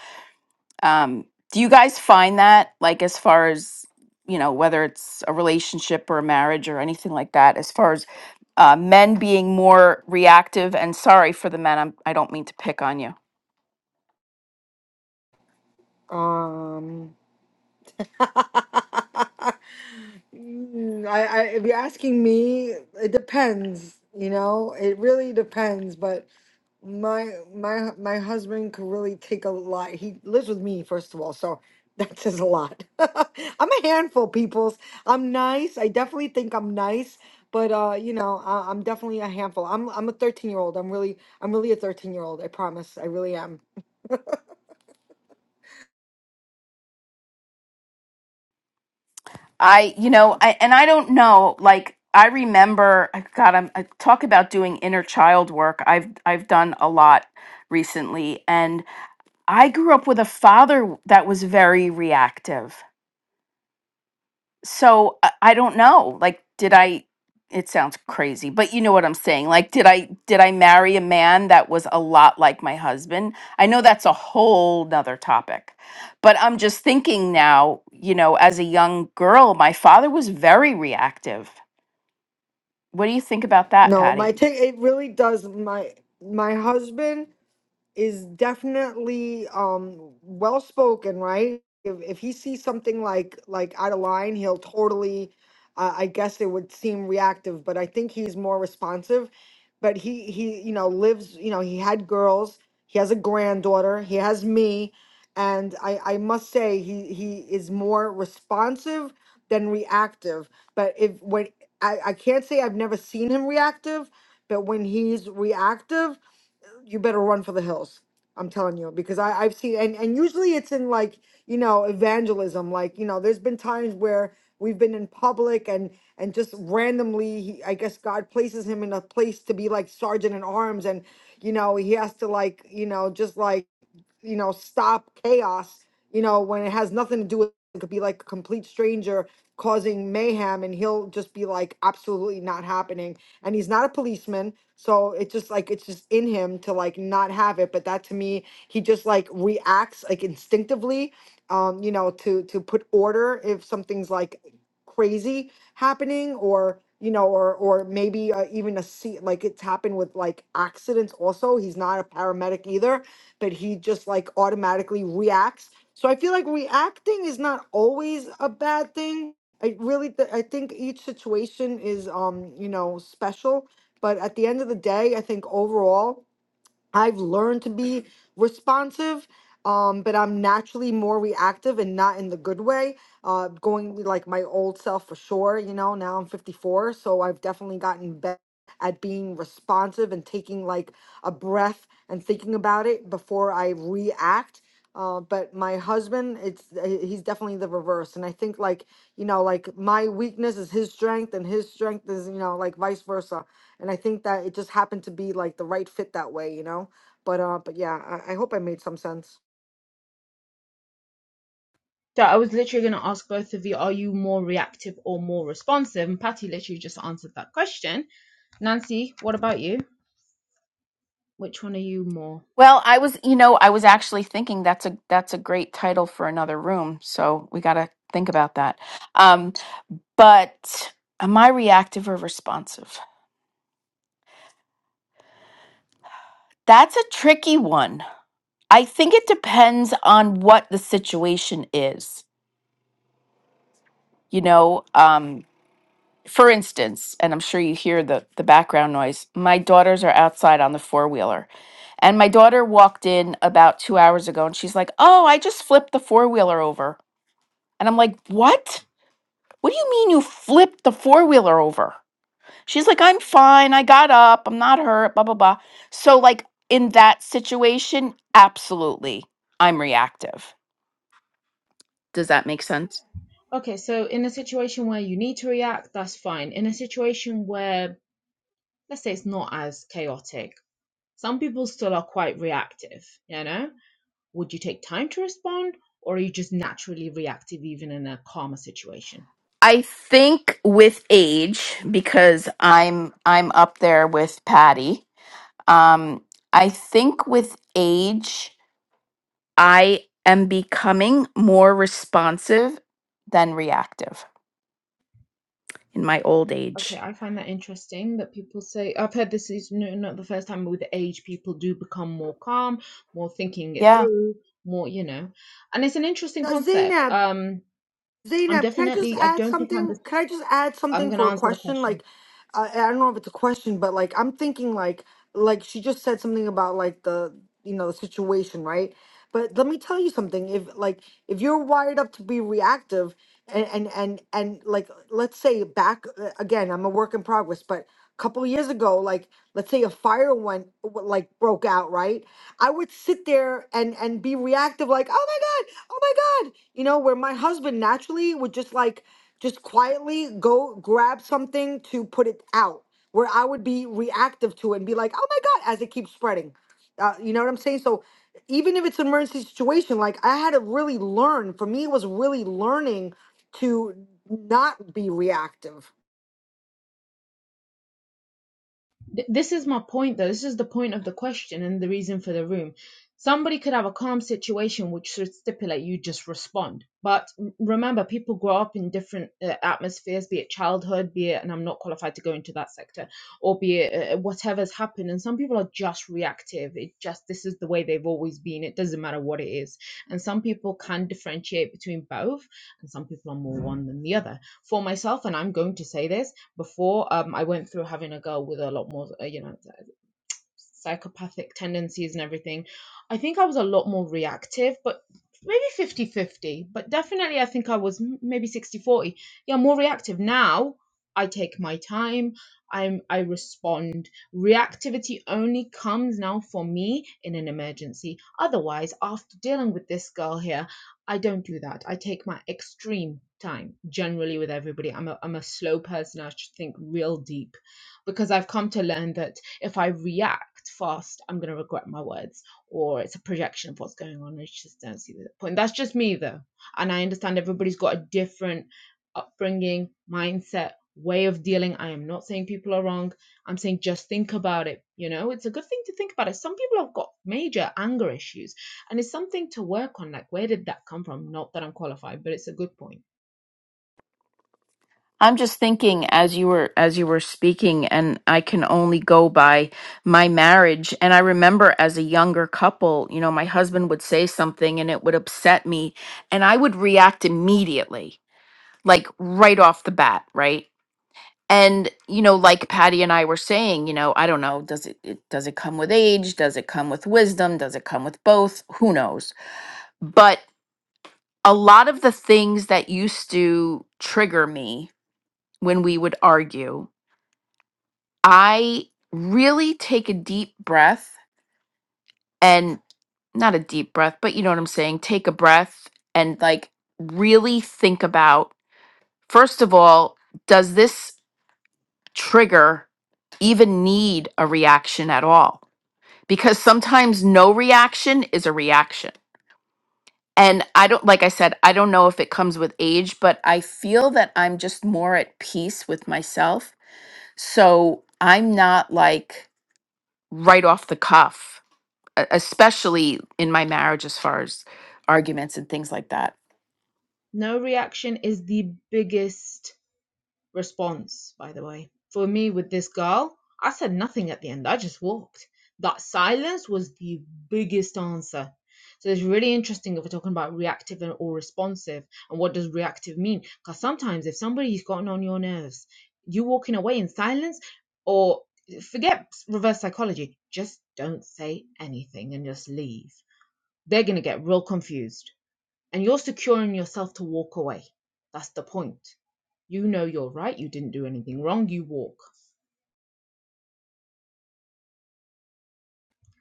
[SPEAKER 2] um do you guys find that like as far as you know whether it's a relationship or a marriage or anything like that as far as uh, men being more reactive and sorry for the men I'm, i don't mean to pick on you
[SPEAKER 4] Um, [laughs] Mm, I, I, if you're asking me, it depends. You know, it really depends. But my my my husband could really take a lot. He lives with me, first of all, so [laughs] that says a lot. [laughs] I'm a handful, peoples. I'm nice. I definitely think I'm nice, but uh, you know, I, I'm definitely a handful. I'm I'm a 13 year old. I'm really I'm really a 13 year old. I promise. I really am.
[SPEAKER 2] I, you know, I, and I don't know, like I remember, God, I'm I talk about doing inner child work. I've I've done a lot recently, and I grew up with a father that was very reactive so I, I don't know like did i it sounds crazy but you know what i'm saying like did i did i marry a man that was a lot like my husband i know that's a whole nother topic but i'm just thinking now you know as a young girl my father was very reactive what do you think about that
[SPEAKER 4] No, my
[SPEAKER 2] patty
[SPEAKER 4] take. It really does. My my husband. is definitely um well spoken, right? If if he sees something like like out of line, he'll totally. Uh, I guess it would seem reactive, but I think he's more responsive. But he he you know lives you know he had girls, he has a granddaughter, he has me, and I I must say he he is more responsive than reactive. But if when I I can't say I've never seen him reactive, but when he's reactive you better run for the hills. I'm telling you because I I've seen and and usually it's in like you know evangelism. Like you know, there's been times where we've been in public and and just randomly he, i guess god places him in a place to be like sergeant in arms and you know he has to like you know just like you know, stop chaos, you know, when it has nothing to do with it could be like a complete stranger causing mayhem and he'll just be like absolutely not happening. And he's not a policeman, so it just like it's just in him to like not have it, but that to me he just like reacts like instinctively um you know to to put order if something's like crazy happening or you know or or maybe uh, even a see like it's happened with like accidents also he's not a paramedic either but he just like automatically reacts. So I feel like reacting is not always a bad thing. I really th- I think each situation is um, you know, special, but at the end of the day, I think overall I've learned to be responsive, um, but I'm naturally more reactive and not in the good way. Uh, going with, like my old self for sure, you know, now I'm 54, so I've definitely gotten better at being responsive and taking like a breath and thinking about it before I react. Uh, but my husband, it's uh, he's definitely the reverse, and I think like you know, like my weakness is his strength, and his strength is you know like vice versa and I think that it just happened to be like the right fit that way, you know. But uh, but yeah, I, I hope I made some sense.
[SPEAKER 3] So I was literally gonna ask both of you, are you more reactive or more responsive? And Patty literally just answered that question. Nancy, what about you? Which one are you more?
[SPEAKER 2] well i was you know i was actually thinking that's a that's a great title for another room so we got to think about that um but am i reactive or responsive That's a tricky one. I think it depends on what the situation is. You know, um, for instance, and I'm sure you hear the, the background noise, my daughters are outside on the four wheeler. And my daughter walked in about two hours ago and she's like, Oh, I just flipped the four wheeler over. And I'm like, What? What do you mean you flipped the four wheeler over? She's like, I'm fine. I got up. I'm not hurt, blah, blah, blah. So, like, in that situation, absolutely, I'm reactive Does that make sense?
[SPEAKER 3] Okay, so in a situation where you need to react, that's fine. In a situation where let's say it's not as chaotic Some people still are quite reactive, you know? Would you take time to respond or are you just naturally reactive even in a calmer situation?
[SPEAKER 2] I think with age, because I'm I'm up there with Patty. Um, I think with age, I am becoming more responsive than reactive. in my old
[SPEAKER 3] Okay,
[SPEAKER 2] age.
[SPEAKER 3] I find that interesting that people say, I've heard this is no, not the first time, but with age, people do become more calm, more thinking it
[SPEAKER 2] Yeah.
[SPEAKER 3] through, more, you know. And it's an interesting
[SPEAKER 4] Now,
[SPEAKER 3] concept.
[SPEAKER 4] Zainab.
[SPEAKER 3] Um, I'm
[SPEAKER 4] Zainab, can I just
[SPEAKER 3] definitely, I
[SPEAKER 4] add
[SPEAKER 3] don't think I'm the
[SPEAKER 4] something? Can I just add
[SPEAKER 3] I'm
[SPEAKER 4] something
[SPEAKER 3] going to
[SPEAKER 4] for a
[SPEAKER 3] answer the
[SPEAKER 4] question?
[SPEAKER 3] question.
[SPEAKER 4] Like, uh, I don't know if it's a question, but like, I'm thinking like, like she just said something about like the, you know, the situation, right? But let me tell you something. If like, if you're wired up to be reactive, and and and, and like, let's say back uh, again, I'm a work in progress, but a couple years ago, like, let's say a fire went like broke out, right? I would sit there and and be reactive, like, oh my god, oh my god you know, where my husband naturally would just like just quietly go grab something to put it out, where I would be reactive to it and be like, oh my God, as it keeps spreading. Uh, you know what I'm saying? So even if it's an emergency situation, like I had to really learn. For me, it was really learning to not be reactive.
[SPEAKER 3] Th- this is my point, though. This is the point of the question and the reason for the room. Somebody could have a calm situation which should stipulate you just respond. But remember, people grow up in different uh, atmospheres, be it childhood, be it, and I'm not qualified to go into that sector, or be it uh, whatever's happened. And some people are just reactive. It just, this is the way they've always been. It doesn't matter what it is. And some people can differentiate between both, and some people are more one than the other. For myself, and I'm going to say this, before um i went through having a girl with a lot more uh, you know psychopathic tendencies and everything i think i was a lot more reactive but maybe fifty-fifty. but definitely i think i was maybe sixty-forty. yeah more reactive now i take my time i'm i respond reactivity only comes now for me in an emergency otherwise after dealing with this girl here i don't do that i take my extreme time generally with everybody i'm a, I'm a slow person i should think real deep because I've come to learn that if I react fast, I'm going to regret my words or it's a projection of what's going on. I just don't see the point. That's just me though. And I understand everybody's got a different upbringing, mindset, way of dealing. I am not saying people are wrong. I'm saying just think about it. You know, it's a good thing to think about it. Some people have got major anger issues and it's something to work on. Like, where did that come from? Not that I'm qualified, but it's a good point.
[SPEAKER 2] I'm just thinking as you were as you were speaking and I can only go by my marriage and I remember as a younger couple, you know, my husband would say something and it would upset me and I would react immediately, like right off the bat, right? And you know, like Patty and I were saying, you know, I don't know, does it, it does it come with age? Does it come with wisdom? Does it come with both? Who knows? But. a lot of the things that used to trigger me when we would argue, I really take a deep breath and not a deep breath, but you know what I'm saying? Take a breath and like really think about first of all, does this trigger even need a reaction at all? Because sometimes no reaction is a reaction And I don't, like I said, I don't know if it comes with age, but I feel that I'm just more at peace with myself. So I'm not like right off the cuff, e- especially in my marriage as far as arguments and things like that.
[SPEAKER 3] No reaction is the biggest response, by the way. For me, with this girl, I said nothing at the end. I just walked. That silence was the biggest answer. So it's really interesting if we're talking about reactive and- or responsive, and what does reactive mean? Because sometimes if somebody's gotten on your nerves, you walking away in silence, or forget reverse psychology, just don't say anything and just leave. They're gonna get real confused and you're securing yourself to walk away. That's the point. You know you're right. You didn't do anything wrong. You walk.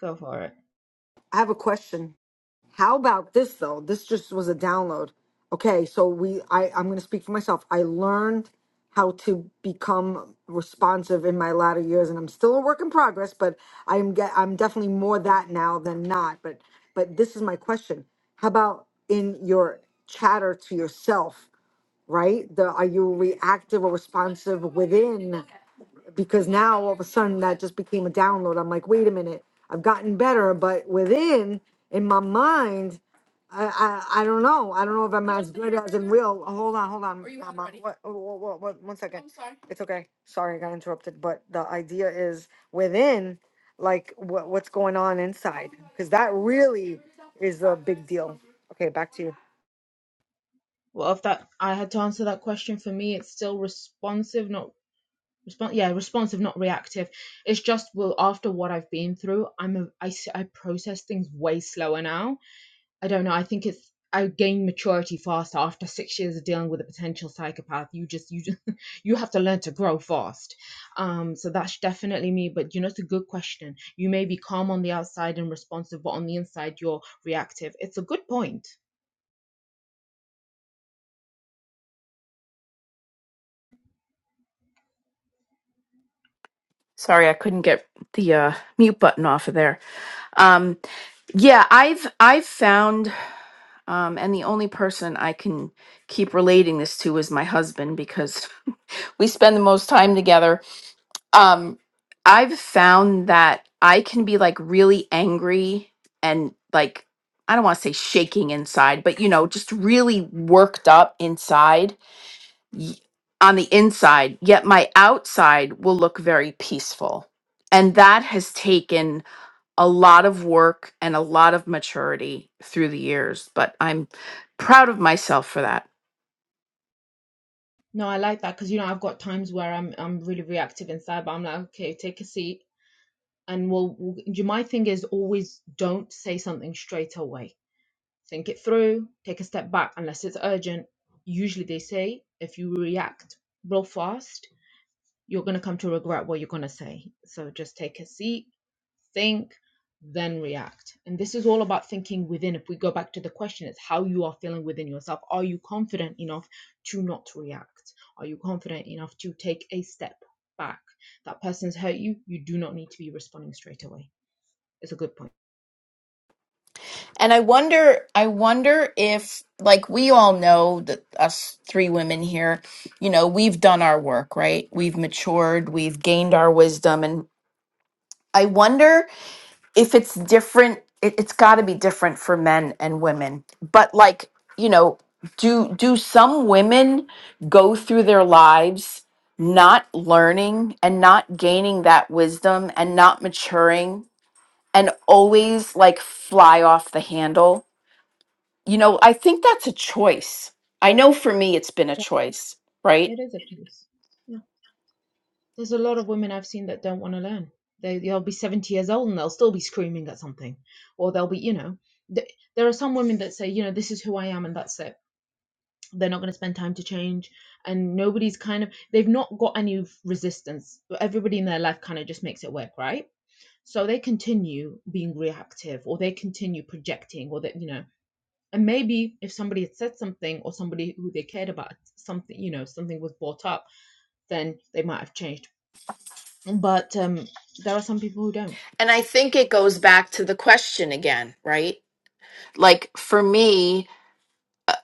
[SPEAKER 3] Go for it.
[SPEAKER 4] I have a question. How about this though? This just was a download. Okay, so we I I'm going to speak for myself. I learned how to become responsive in my latter years and I'm still a work in progress, but I'm get I'm definitely more that now than not. But but this is my question. How about in your chatter to yourself, right? The are you reactive or responsive within? because now all of a sudden that just became a download. I'm like, wait a minute, I've gotten better, but within in my mind, I I, I don't know. I don't know if I'm as good as in real. oh, hold on, hold on. um, uh, What, oh, what, what, what, one second. It's okay. Sorry, I got interrupted. But the idea is within, like what what's going on inside, because that really is a big deal. Okay, back to you.
[SPEAKER 3] Well, if that I had to answer that question for me, it's still responsive, not response. Yeah, responsive, not reactive. It's just well, after what I've been through, I'm a, i am aii process things way slower now I don't know. I think it's I gained maturity fast after six years of dealing with a potential psychopath. You just you just, [laughs] you have to learn to grow fast. Um, so that's definitely me. But you know, it's a good question. You may be calm on the outside and responsive, but on the inside you're reactive. It's a good point.
[SPEAKER 2] Sorry, I couldn't get the uh, mute button off of there. Um, yeah, I've I've found, um, and the only person I can keep relating this to is my husband because [laughs] we spend the most time together. Um, I've found that I can be like really angry and like I don't want to say shaking inside, but you know, just really worked up inside y- on the inside. Yet my outside will look very peaceful, and that has taken a lot of work and a lot of maturity through the years, but I'm proud of myself for that.
[SPEAKER 3] No, I like that because you know I've got times where I'm I'm really reactive inside, but I'm like, okay, take a seat, and we'll, we'll. My thing is always don't say something straight away think it through, take a step back unless it's urgent. Usually they say if you react real fast, you're going to come to regret what you're going to say. So just take a seat, think, then react. And this is all about thinking within. If we go back to the question, it's how you are feeling within yourself. Are you confident enough to not react? Are you confident enough to take a step back? That person's hurt you. You do not need to be responding straight away. It's a good point.
[SPEAKER 2] And I wonder, I wonder if, like, we all know that us three women here, you know, we've done our work, right? We've matured, we've gained our wisdom. And I wonder if it's different it, it's got to be different for men and women but like you know do do some women go through their lives not learning and not gaining that wisdom and not maturing and always like fly off the handle you know i think that's a choice i know for me it's been a choice right
[SPEAKER 3] It is a piece. Yeah. There's a lot of women I've seen that don't want to learn. They, they'll be 70 years old and they'll still be screaming at something. Or they'll be, you know, th- there are some women that say, you know, this is who I am and that's it. They're not going to spend time to change. And nobody's kind of, they've not got any resistance. Everybody in their life kind of just makes it work, right? So they continue being reactive or they continue projecting or that, you know, and maybe if somebody had said something or somebody who they cared about something, you know, something was brought up, then they might have changed but um, there are some people who don't.
[SPEAKER 2] and i think it goes back to the question again right like for me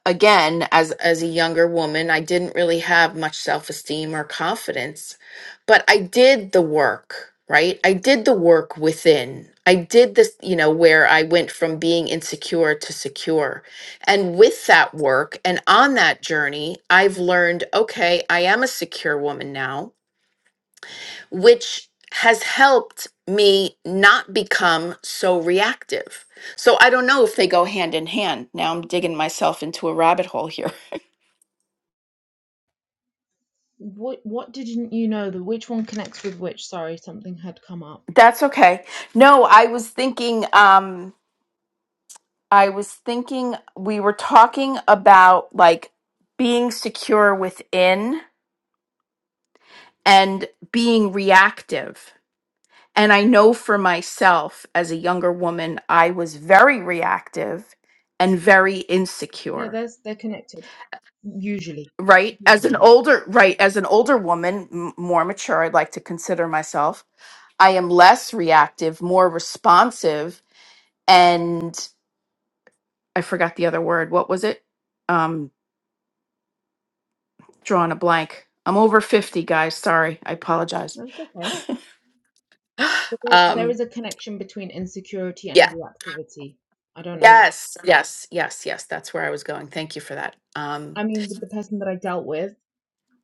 [SPEAKER 2] again as as a younger woman i didn't really have much self-esteem or confidence but i did the work right i did the work within i did this you know where i went from being insecure to secure and with that work and on that journey i've learned okay i am a secure woman now which has helped me not become so reactive so I don't know if they go hand in hand. Now I'm digging myself into a rabbit hole here.
[SPEAKER 3] What what didn't you know? The which one connects with which? Sorry, something had come up.
[SPEAKER 2] That's okay. No, I was thinking um I was thinking we were talking about like being secure within and being reactive. And I know for myself as a younger woman, I was very reactive and very
[SPEAKER 3] Yeah,
[SPEAKER 2] insecure.
[SPEAKER 3] there's they're connected usually.
[SPEAKER 2] Right? As an
[SPEAKER 3] Usually,
[SPEAKER 2] older right, as an older woman, m- more mature, I'd like to consider myself, I am less reactive, more responsive and I forgot the other word. What was it? Um, drawing a blank. I'm over 50, guys. Sorry. I apologize.
[SPEAKER 3] that's okay.
[SPEAKER 2] [laughs]
[SPEAKER 3] But there, there
[SPEAKER 2] um,
[SPEAKER 3] is a connection between insecurity and
[SPEAKER 2] yeah.
[SPEAKER 3] reactivity. I don't know.
[SPEAKER 2] Yes. Yes. Yes. Yes. That's where I was going. Thank you for that. Um,
[SPEAKER 3] I mean, with the person that I dealt with,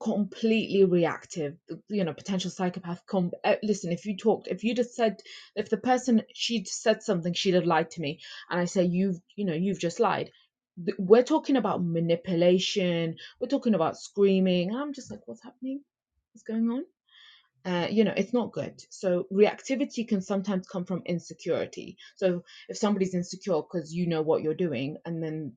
[SPEAKER 3] completely reactive you know potential psychopath com- uh, listen if you talked if you'd have said if the person she'd said something she'd have lied to me and i say you've you know you've just lied Th- we're talking about manipulation we're talking about screaming and i'm just like what's happening what's going on uh, you know it's not good so reactivity can sometimes come from insecurity so if somebody's insecure because you know what you're doing and then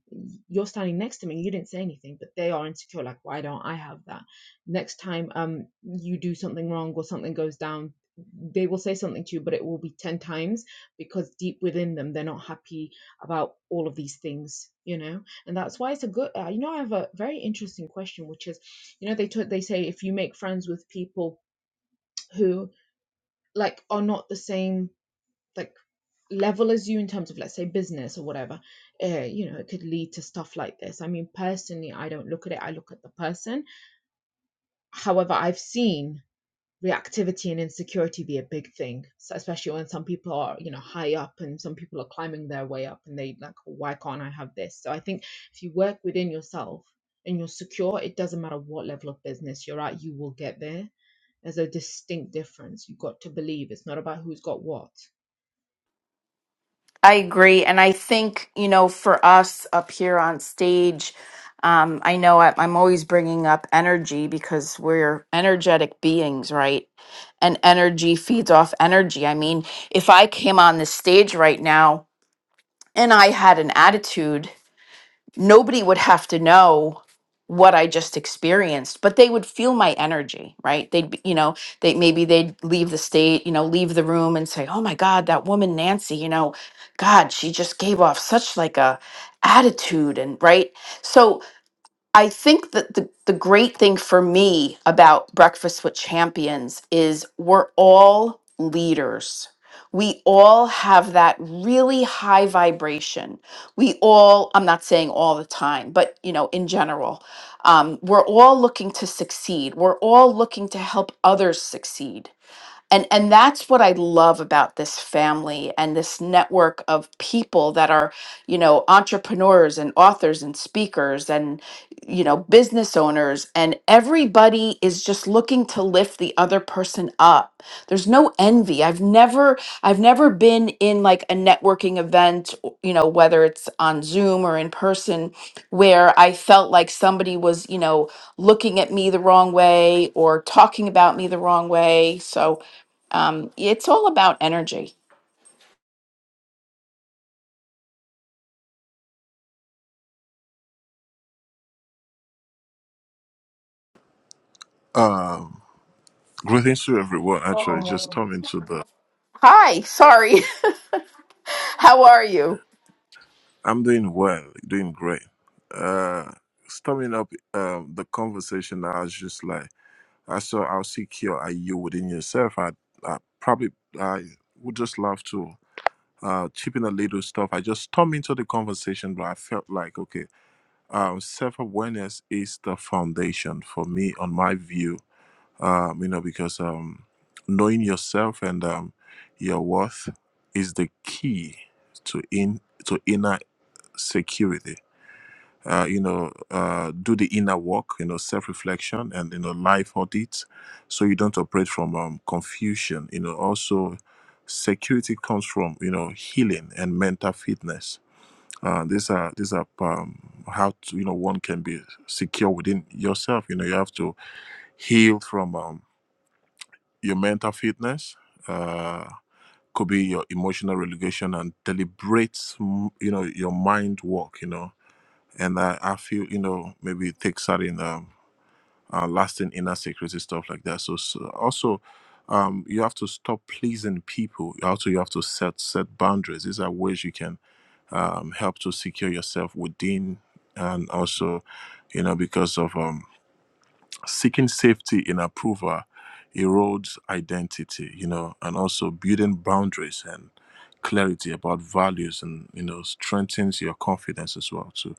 [SPEAKER 3] you're standing next to me you didn't say anything but they are insecure like why don't i have that next time um you do something wrong or something goes down they will say something to you but it will be 10 times because deep within them they're not happy about all of these things you know and that's why it's a good uh, you know i have a very interesting question which is you know they took they say if you make friends with people who like are not the same like level as you in terms of let's say business or whatever uh, you know it could lead to stuff like this i mean personally i don't look at it i look at the person however i've seen reactivity and insecurity be a big thing so especially when some people are you know high up and some people are climbing their way up and they like why can't i have this so i think if you work within yourself and you're secure it doesn't matter what level of business you're at you will get there there's a distinct difference you've got to believe it's not about who's got what
[SPEAKER 2] I agree. And I think, you know, for us up here on stage, um, I know I, I'm always bringing up energy because we're energetic beings, right? And energy feeds off energy. I mean, if I came on this stage right now and I had an attitude, nobody would have to know what I just experienced, but they would feel my energy, right? They'd, be, you know, they maybe they'd leave the state, you know, leave the room and say, "Oh my God, that woman Nancy, you know, God, she just gave off such like a attitude," and right. So I think that the, the great thing for me about Breakfast with Champions is we're all leaders. We all have that really high vibration. We all, I'm not saying all the time, but you know, in general, um, we're all looking to succeed. We're all looking to help others succeed and and that's what i love about this family and this network of people that are you know entrepreneurs and authors and speakers and you know business owners and everybody is just looking to lift the other person up there's no envy i've never i've never been in like a networking event o- you know whether it's on zoom or in person where i felt like somebody was you know looking at me the wrong way or talking about me the wrong way so um, it's all about energy.
[SPEAKER 5] Um, greetings to everyone. Actually, just coming to the.
[SPEAKER 2] Hi, sorry. [laughs] How are you?
[SPEAKER 5] I'm doing well, doing great. Uh, stemming up um the conversation, I was just like, I saw how secure are you within yourself. I, I probably I would just love to uh chip in a little stuff. I just stumbled into the conversation, but I felt like okay, um, self awareness is the foundation for me, on my view um, you know, because um, knowing yourself and um, your worth is the key to in to inner security. Uh, you know, uh, do the inner work, you know, self-reflection and you know life audits, so you don't operate from um, confusion. You know, also security comes from you know healing and mental fitness. Uh, these are these are um, how to, you know one can be secure within yourself. You know, you have to heal from. Um, your mental fitness uh could be your emotional regulation and deliberate mm, you know your mind work you know and i, I feel you know maybe take certain um uh, lasting inner security stuff like that so, so also um you have to stop pleasing people also you have to set set boundaries these are ways you can um help to secure yourself within and also you know because of um seeking safety in approval erodes identity you know and also building boundaries and clarity about values and you know strengthens your confidence as well too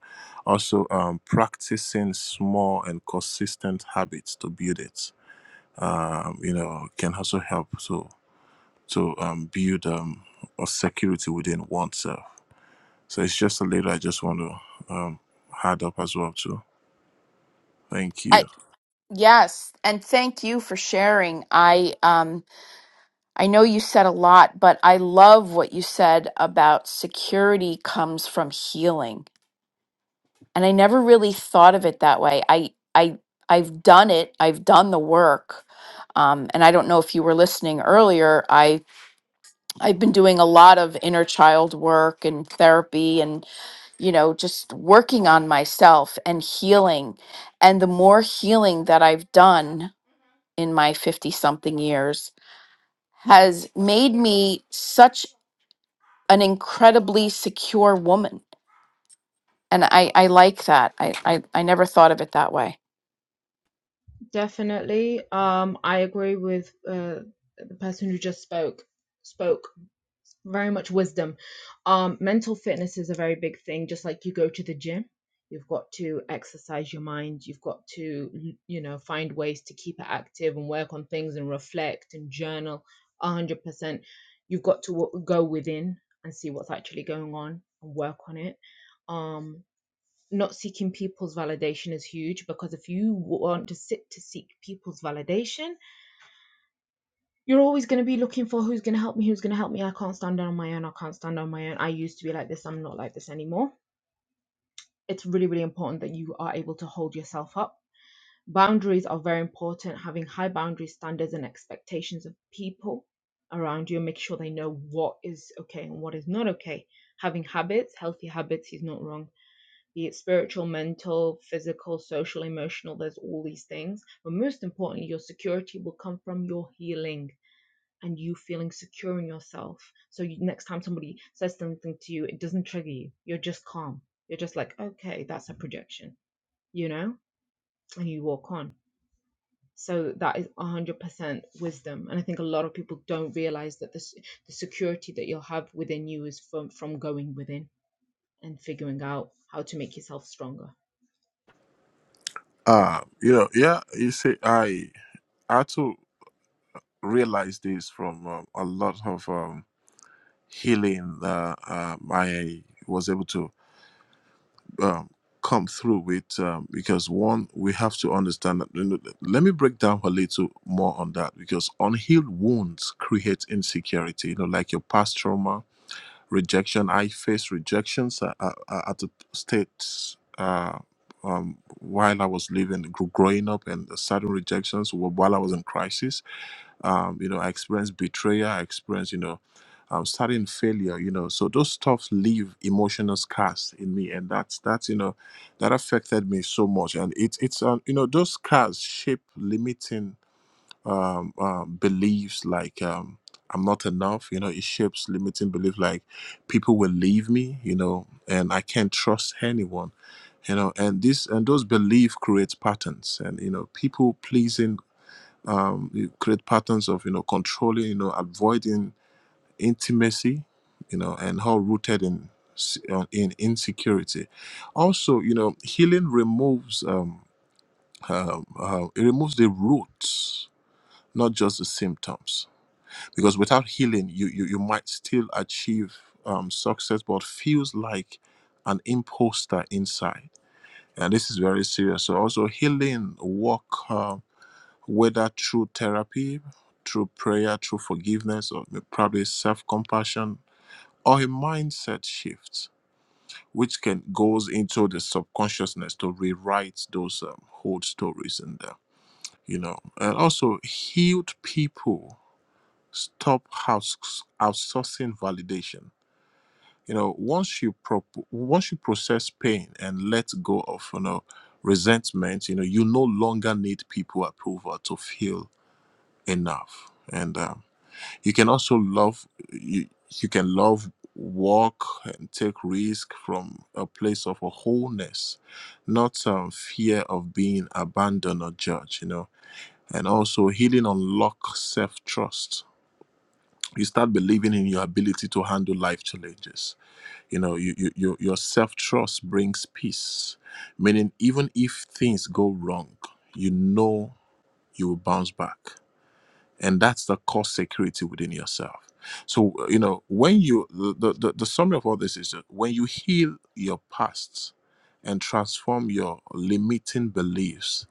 [SPEAKER 5] also um, practicing small and consistent habits to build it um, you know can also help to to um, build um, a security within oneself so it's just a little i just want to um, add up as well too thank you
[SPEAKER 2] I, yes, and thank you for sharing. I um I know you said a lot, but I love what you said about security comes from healing. And I never really thought of it that way. I I I've done it. I've done the work. Um, and I don't know if you were listening earlier. I I've been doing a lot of inner child work and therapy you know, just working on myself and healing. And the more healing that I've done in my 50 something years has made me such an incredibly secure woman. And I, I like that. I, I, I never thought of it that way.
[SPEAKER 3] Definitely. Um, I agree with uh, the person who just spoke. Spoke very much wisdom. Um, mental fitness is a very big thing. Just like you go to the gym, you've got to exercise your mind. You've got to, mm, you know, find ways to keep it active and work on things and reflect and journal. A hundred percent. You've got to w- go within and see what's actually going on and work on it. Um, not seeking people's validation is huge because if you want to sit to seek people's validation, you're always going to be looking for who's going to help me, who's going to help me. I can't stand on my own. I can't stand on my own. I used to be like this. I'm not like this anymore. It's really, really important that you are able to hold yourself up. Boundaries are very important. Having high boundary standards and expectations of people around you, and make sure they know what is okay and what is not okay. Having habits, healthy habits, he's not wrong be it spiritual, mental, physical, social, emotional, there's all these things. But most importantly, your security will come from your healing and you feeling secure in yourself. So you, next time somebody says something to you, it doesn't trigger you. You're just calm. You're just like, okay, that's a projection, you know, and you walk on. So that is 100% wisdom. And I think a lot of people don't realize that this, the security that you'll have within you is from, from going within and figuring out how to make yourself stronger.
[SPEAKER 5] Uh, you know, yeah, you see, I I too realized this from um, a lot of um, healing that um, I was able to um, come through with. Um, because one, we have to understand that. you know, Let me break down a little more on that because unhealed wounds create insecurity. You know, like your past trauma rejection. I faced rejections uh, uh, uh, at the states uh, um, while I was living, gr- growing up, and certain rejections wh- while I was in crisis. Um, you know, I experienced betrayal. I experienced, you know, um, starting failure. You know, so those stuff leave emotional scars in me, and that's that's you know, that affected me so much, and it's it's um, you know, those scars shape limiting um, um, beliefs like um, I'm not enough. You know, it shapes limiting belief like people will leave me. You know, and I can't trust anyone. You know, and this and those belief create patterns, and you know, people pleasing um, it create patterns of you know controlling, you know, avoiding intimacy, you know, and how rooted in s- uh, in insecurity. Also, you know, healing removes um, um, uh, it removes the roots, not just the symptoms because without healing you you, you might still achieve um, success but feels like an imposter inside and this is very serious so also healing work uh, whether through therapy through prayer through forgiveness or probably self-compassion or a mindset shift which can goes into the subconsciousness to rewrite those um, old stories in there you know and also healed people stop outs- outsourcing validation. You know, once you pro- once you process pain and let go of you know resentment, you know you no longer need people approval to feel enough. And um, you can also love you. You can love, walk, and take risk from a place of a wholeness, not um, fear of being abandoned or judged. You know, and also healing unlock self trust you start believing in your ability to handle life challenges you know you, you, you- your self-trust brings peace meaning even if things go wrong you know you will bounce back and that's the core security within yourself so you know when you the, the, the summary of all this is that when you heal your past and transform your limiting beliefs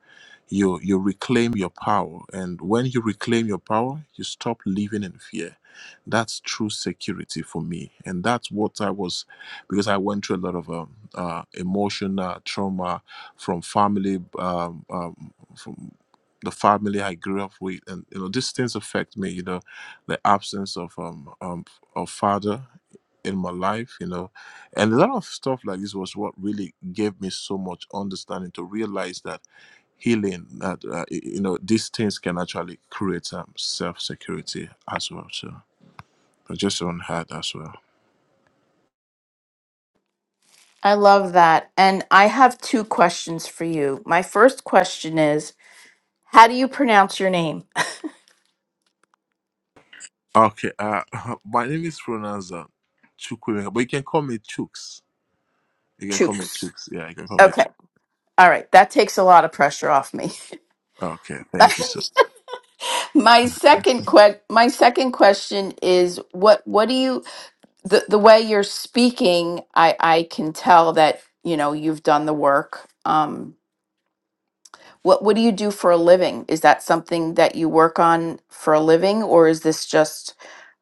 [SPEAKER 5] you you reclaim your power and when you reclaim your power you stop living in fear that's true security for me and that's what i was because i went through a lot of um, uh, emotional trauma from family um, um, from the family i grew up with and you know these things affect me you know the absence of um, um of father in my life, you know, and a lot of stuff like this was what really gave me so much understanding to realize that healing that uh, you know these things can actually create um, self security as well so i just on her as well
[SPEAKER 2] I love that. And I have two questions for you. My first question is How do you pronounce your name?
[SPEAKER 5] okay uh [laughs] my name is pronounced uh, Chukwuemeka, but you can call me chooks you can call me
[SPEAKER 2] Chooks.
[SPEAKER 5] chooks yeah you can call me
[SPEAKER 2] Okay.
[SPEAKER 5] chooks
[SPEAKER 2] All right. That takes a lot of pressure off me.
[SPEAKER 5] okay
[SPEAKER 2] [laughs]
[SPEAKER 5] thank you sir.
[SPEAKER 2] My second que- my second question is what what do you the, the way you're speaking I I can tell that you know you've done the work um what what do you do for a living is that something that you work on for a living or is this just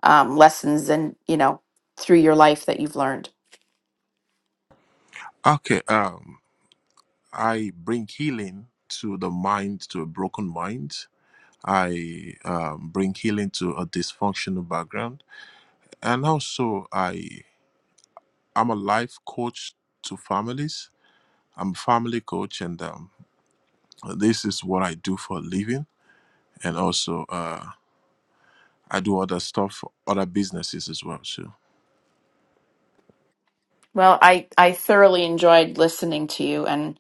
[SPEAKER 2] um lessons and you know through your life that you've learned
[SPEAKER 5] okay um i bring healing to the mind to a broken mind i um, bring healing to a dysfunctional background and also i'm a life coach to families I'm a family coach, and um, this is what I do for a living. And also, uh, I do other stuff for other businesses as well. So,
[SPEAKER 2] Well I I thoroughly enjoyed listening to you and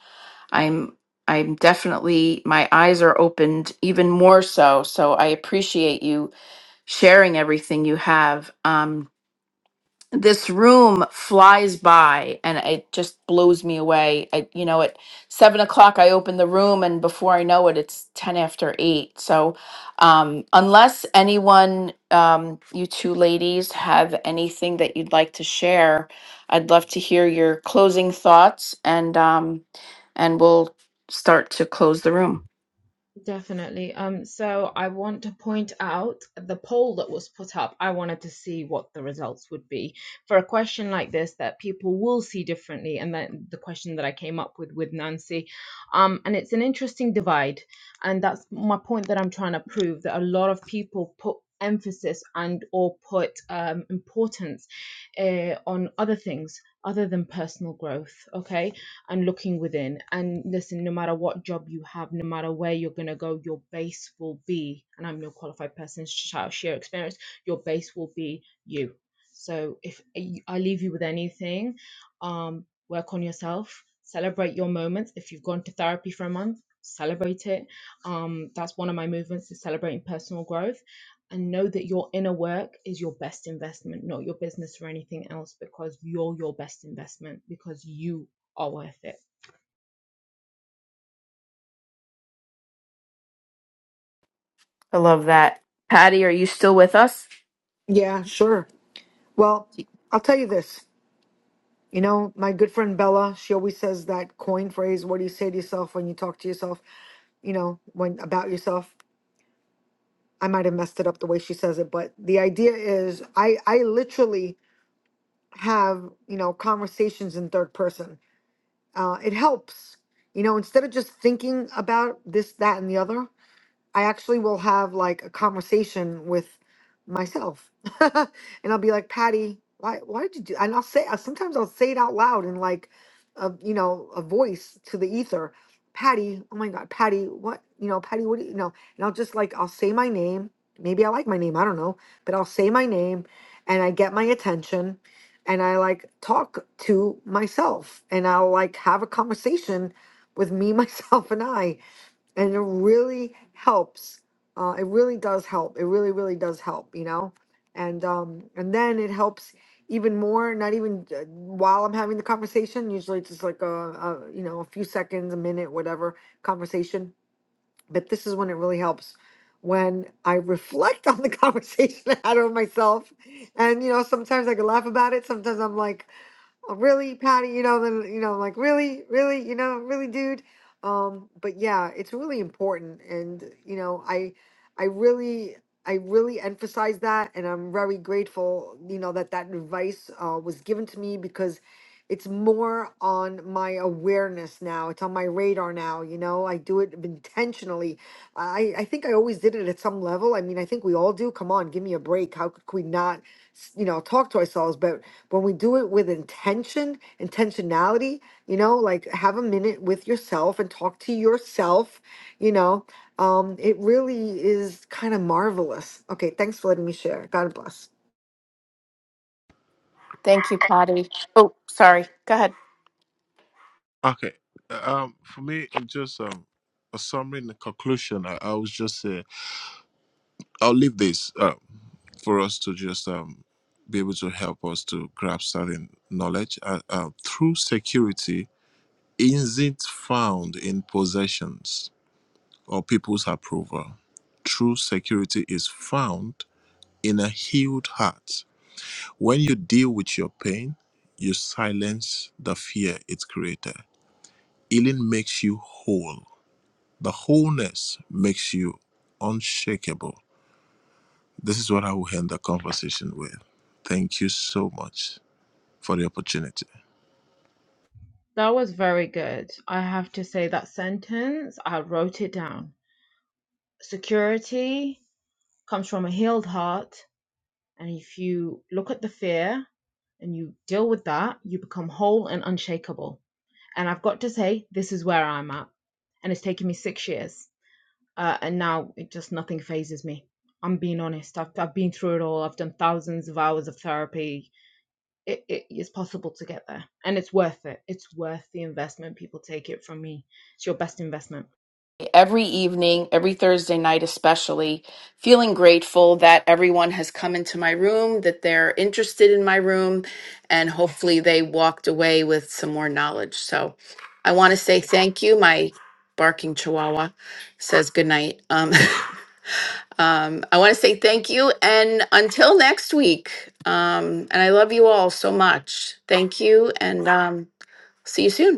[SPEAKER 2] I'm I'm definitely my eyes are opened even more so so I appreciate you sharing everything you have. Um, this room flies by, and it just blows me away. I, you know, at seven o'clock, I open the room, and before I know it, it's ten after eight. So, um, unless anyone, um, you two ladies, have anything that you'd like to share, I'd love to hear your closing thoughts, and um, and we'll start to close the room.
[SPEAKER 3] Definitely. Um, so I want to point out the poll that was put up. I wanted to see what the results would be for a question like this that people will see differently, and then the question that I came up with with Nancy. Um, and it's an interesting divide, and that's my point that I'm trying to prove that a lot of people put emphasis and or put um, importance uh, on other things other than personal growth. Okay and looking within. And listen, no matter what job you have, no matter where you're going to go, your base will be, and I'm no qualified person to shout- share experience, your base will be you. So if I I leave you with anything, um, work on yourself, celebrate your moments. If you've gone to therapy for a month, celebrate it. Um, that's one of my movements is celebrating personal growth and know that your inner work is your best investment, not your business or anything else, because you're your best investment, because you are worth it.
[SPEAKER 2] I love that. Patty, are you still with us?
[SPEAKER 4] Yeah, sure. Well, I'll tell you this. You know, my good friend Bella, she always says that coin phrase, what do you say to yourself when you talk to yourself, you know, when about yourself? I might have messed it up the way she says it, but the idea is I I literally have, you know, conversations in third person. Uh it helps. You know, instead of just thinking about this, that, and the other, I actually will have like a conversation with myself, [laughs] and I'll be like, Patty, why, why did you do? And I'll say, I- sometimes I'll say it out loud in like, a you know, a voice to the ether, Patty. Oh my God, Patty, what you know, Patty, what do you know? And I'll just like, I'll say my name. Maybe I like my name, I don't know, but I'll say my name, and I get my attention, and I like talk to myself, and I'll like have a conversation with me, [laughs] myself, and I and it really helps. Uh, it really does help. It really, really does help, you know. And um, and then it helps even more. Not even uh, while I'm having the conversation. Usually, it's just like a, a you know a few seconds, a minute, whatever conversation. But this is when it really helps. When I reflect on the [laughs] conversation I had with myself, and you know, sometimes I can laugh about it. Sometimes I'm like, oh, really, Patty, you know, then, you know, like really, really, you know, really, dude. Um, but yeah, it's really important. And, you know, I, I really, I really emphasize that. And I'm very grateful, you know, that that advice uh, was given to me because it's more on my awareness now. It's on my radar now. You know, I do it intentionally. I, I think I always did it at some level. I mean, I think we all do. Come on, give me a break. How could we not, s- you know, talk to ourselves? But when we do it with intention, intentionality, you know, like have a minute with yourself and talk to yourself, you know, um, it really is kind of marvelous. Okay, thanks for letting me share. God bless.
[SPEAKER 2] Thank you, Patty. Oh, sorry. Go ahead.
[SPEAKER 5] okay, um, for me, it's just um, a summary and a conclusion. I, I was just say, I'll leave this uh, for us to just um, be able to help us to grab certain knowledge. Uh, uh, through security, isn't found in possessions or people's approval. True security is found in a healed heart When you deal with your pain, you silence the fear it created. Healing makes you whole. The wholeness makes you unshakable. This is what I will end the conversation with. Thank you so much for the opportunity.
[SPEAKER 3] That was very good. I have to say that sentence, I wrote it down. Security comes from a healed heart. And if you look at the fear and you deal with that, you become whole and unshakable. And I've got to say, this is where I'm at. And it's taken me six years. Uh, and now it just nothing phases me. I'm being honest. I've, I've been through it all. I've done thousands of hours of therapy, it, it is possible to get there and it's worth it. It's worth the investment. People take it from me. It's your best investment.
[SPEAKER 2] Every evening, every Thursday night, especially, feeling grateful that everyone has come into my room, that they're interested in my room, and hopefully they walked away with some more knowledge. So I want to say thank you. My barking chihuahua says good night. Um, [laughs] um, I want to say thank you. And until next week, um, and I love you all so much. Thank you, and um, see you soon.